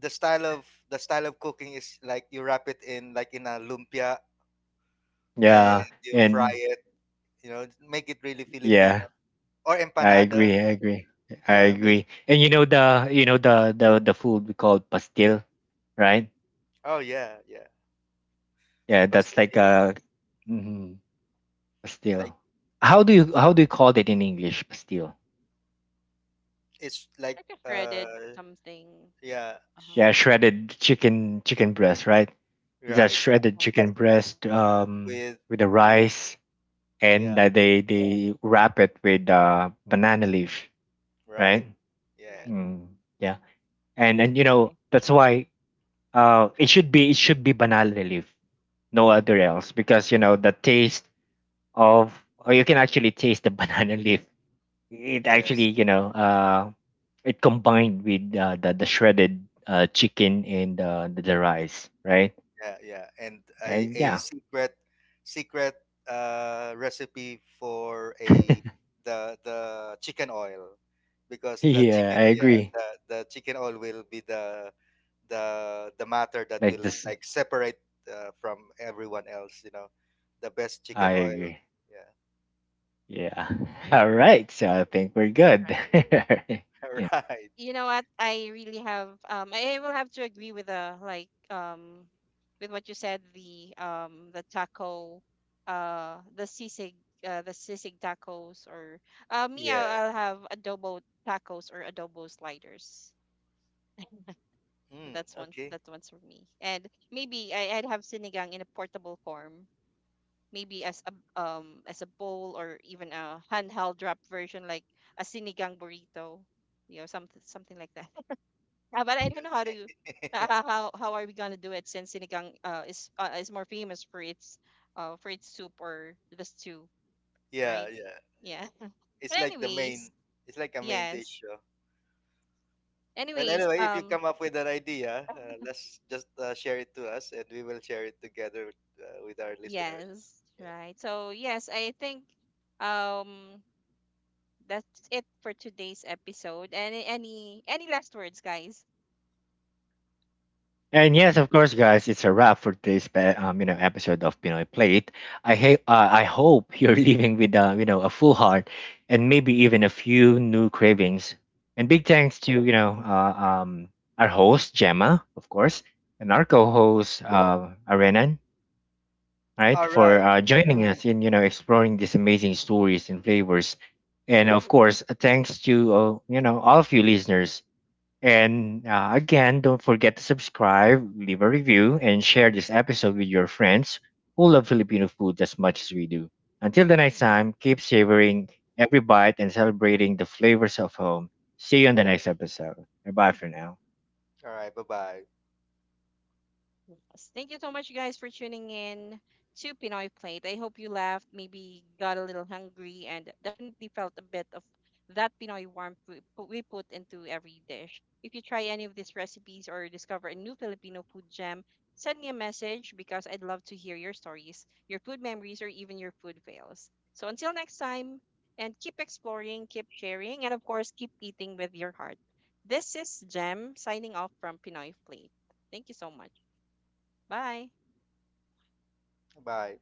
Speaker 2: The style of the style of cooking is like you wrap it in like in a lumpia, and
Speaker 3: Yeah.
Speaker 2: you fry
Speaker 3: And
Speaker 2: it. You know, make it really Filipino,
Speaker 3: yeah,
Speaker 2: or
Speaker 3: I
Speaker 2: empanada.
Speaker 3: agree. I agree. I
Speaker 2: Yeah, make.
Speaker 3: agree. And you know the you know the the the food we call pastil, right?
Speaker 2: Oh yeah, yeah.
Speaker 3: Yeah, that's like
Speaker 2: Pastel.
Speaker 3: a. Mm-hmm. Pastil.
Speaker 2: Like,
Speaker 3: How do you how do you call that in English? Pastil.
Speaker 2: it's
Speaker 1: Like
Speaker 2: like
Speaker 1: a shredded
Speaker 2: uh
Speaker 1: something.
Speaker 2: yeah,
Speaker 1: Uh-huh.
Speaker 2: sh-
Speaker 3: Yeah, shredded chicken chicken breast, right? It's a
Speaker 2: right, right.
Speaker 3: shredded
Speaker 1: Yes.
Speaker 3: chicken breast, um,
Speaker 2: With,
Speaker 3: with the rice, and
Speaker 2: yeah,
Speaker 3: uh, they they wrap it with uh, banana leaf,
Speaker 2: right.
Speaker 3: right?
Speaker 2: Yeah.
Speaker 1: Right.
Speaker 3: Mm, yeah, and and you know
Speaker 1: Okay.
Speaker 3: that's why uh, it should be it should be banana leaf, no other else, because you know the taste of or you can actually taste the banana leaf. It
Speaker 2: Yes.
Speaker 3: actually you know uh it combined with uh, the the shredded uh, chicken and uh, the, the rice, right?
Speaker 2: Yeah, yeah. And a,
Speaker 3: And
Speaker 2: a
Speaker 3: yeah.
Speaker 2: secret, secret uh, recipe for a the the chicken oil, because the
Speaker 3: Yeah,
Speaker 2: chicken,
Speaker 3: I
Speaker 2: yeah,
Speaker 3: agree
Speaker 2: the the chicken oil will be the, the the matter that
Speaker 3: like
Speaker 2: will
Speaker 3: this,
Speaker 2: like separate uh, from everyone else. You know, the best chicken
Speaker 3: I
Speaker 2: oil.
Speaker 3: agree,
Speaker 2: Yeah,
Speaker 3: yeah. All right, so I think we're good.
Speaker 1: Right.
Speaker 3: Yeah.
Speaker 2: right.
Speaker 1: You know what, I really have, um i I will have to agree with the, like, um with what you said, the um the taco uh the sisig, uh, the sisig tacos, or uh me, I'll,
Speaker 2: Yeah.
Speaker 1: I'll have adobo tacos or adobo sliders.
Speaker 2: Mm,
Speaker 1: That's one f-
Speaker 2: okay.
Speaker 1: that's one's for me. And maybe I, I'd have sinigang in a portable form, maybe as a um as a bowl, or even a handheld wrap version, like a sinigang burrito, you know, something something like that. Uh, but I don't know how to uh, how how how are we gonna do it, since sinigang uh, is uh, is more famous for its uh for its soup or the stew,
Speaker 2: Yeah,
Speaker 1: right?
Speaker 2: yeah.
Speaker 1: Yeah.
Speaker 2: It's
Speaker 1: But
Speaker 2: like the
Speaker 1: anyways,
Speaker 2: main. It's like a main
Speaker 1: yes.
Speaker 2: dish. uh, Well,
Speaker 1: Anyways,
Speaker 2: anyway, if you
Speaker 1: um,
Speaker 2: come up with an idea, uh, let's just uh, share it to us, and we will share it together uh, with our listeners.
Speaker 1: yes,
Speaker 2: Yeah.
Speaker 1: right. So yes, I think um that's it for today's episode. Any any any last words, guys?
Speaker 3: And yes, of course, guys, it's a wrap for today's pe- um, you know episode of Pinoy Plate. I hate, uh, I hope you're leaving with uh, you know a full heart and maybe even a few new cravings. And big thanks to you know uh, um, our host Gemma, of course, and our co-host uh, Arenan, right,
Speaker 2: All
Speaker 3: for
Speaker 2: right.
Speaker 3: uh, joining us in you know exploring these amazing stories and flavors. And of course, uh, thanks to uh, you know all of you listeners, and uh, again, don't forget to subscribe, leave a review, and share this episode with your friends who love Filipino food as much as we do. Until the next time, keep savoring every bite and celebrating the flavors of home. See you on the next episode. Bye bye for now.
Speaker 2: All right. Bye-bye.
Speaker 1: Yes. Thank you so much, guys, for tuning in to Pinoy Plate. I hope you laughed, maybe got a little hungry, and definitely felt a bit of that Pinoy warmth we pu- we put into every dish. If you try any of these recipes or discover a new Filipino food gem, send me a message because I'd love to hear your stories, your food memories, or even your food fails. So until next time, and keep exploring, keep sharing, and of course, keep eating with your heart. This is Gem signing off from Pinoy Plate. Thank you so much. Bye.
Speaker 2: Bye.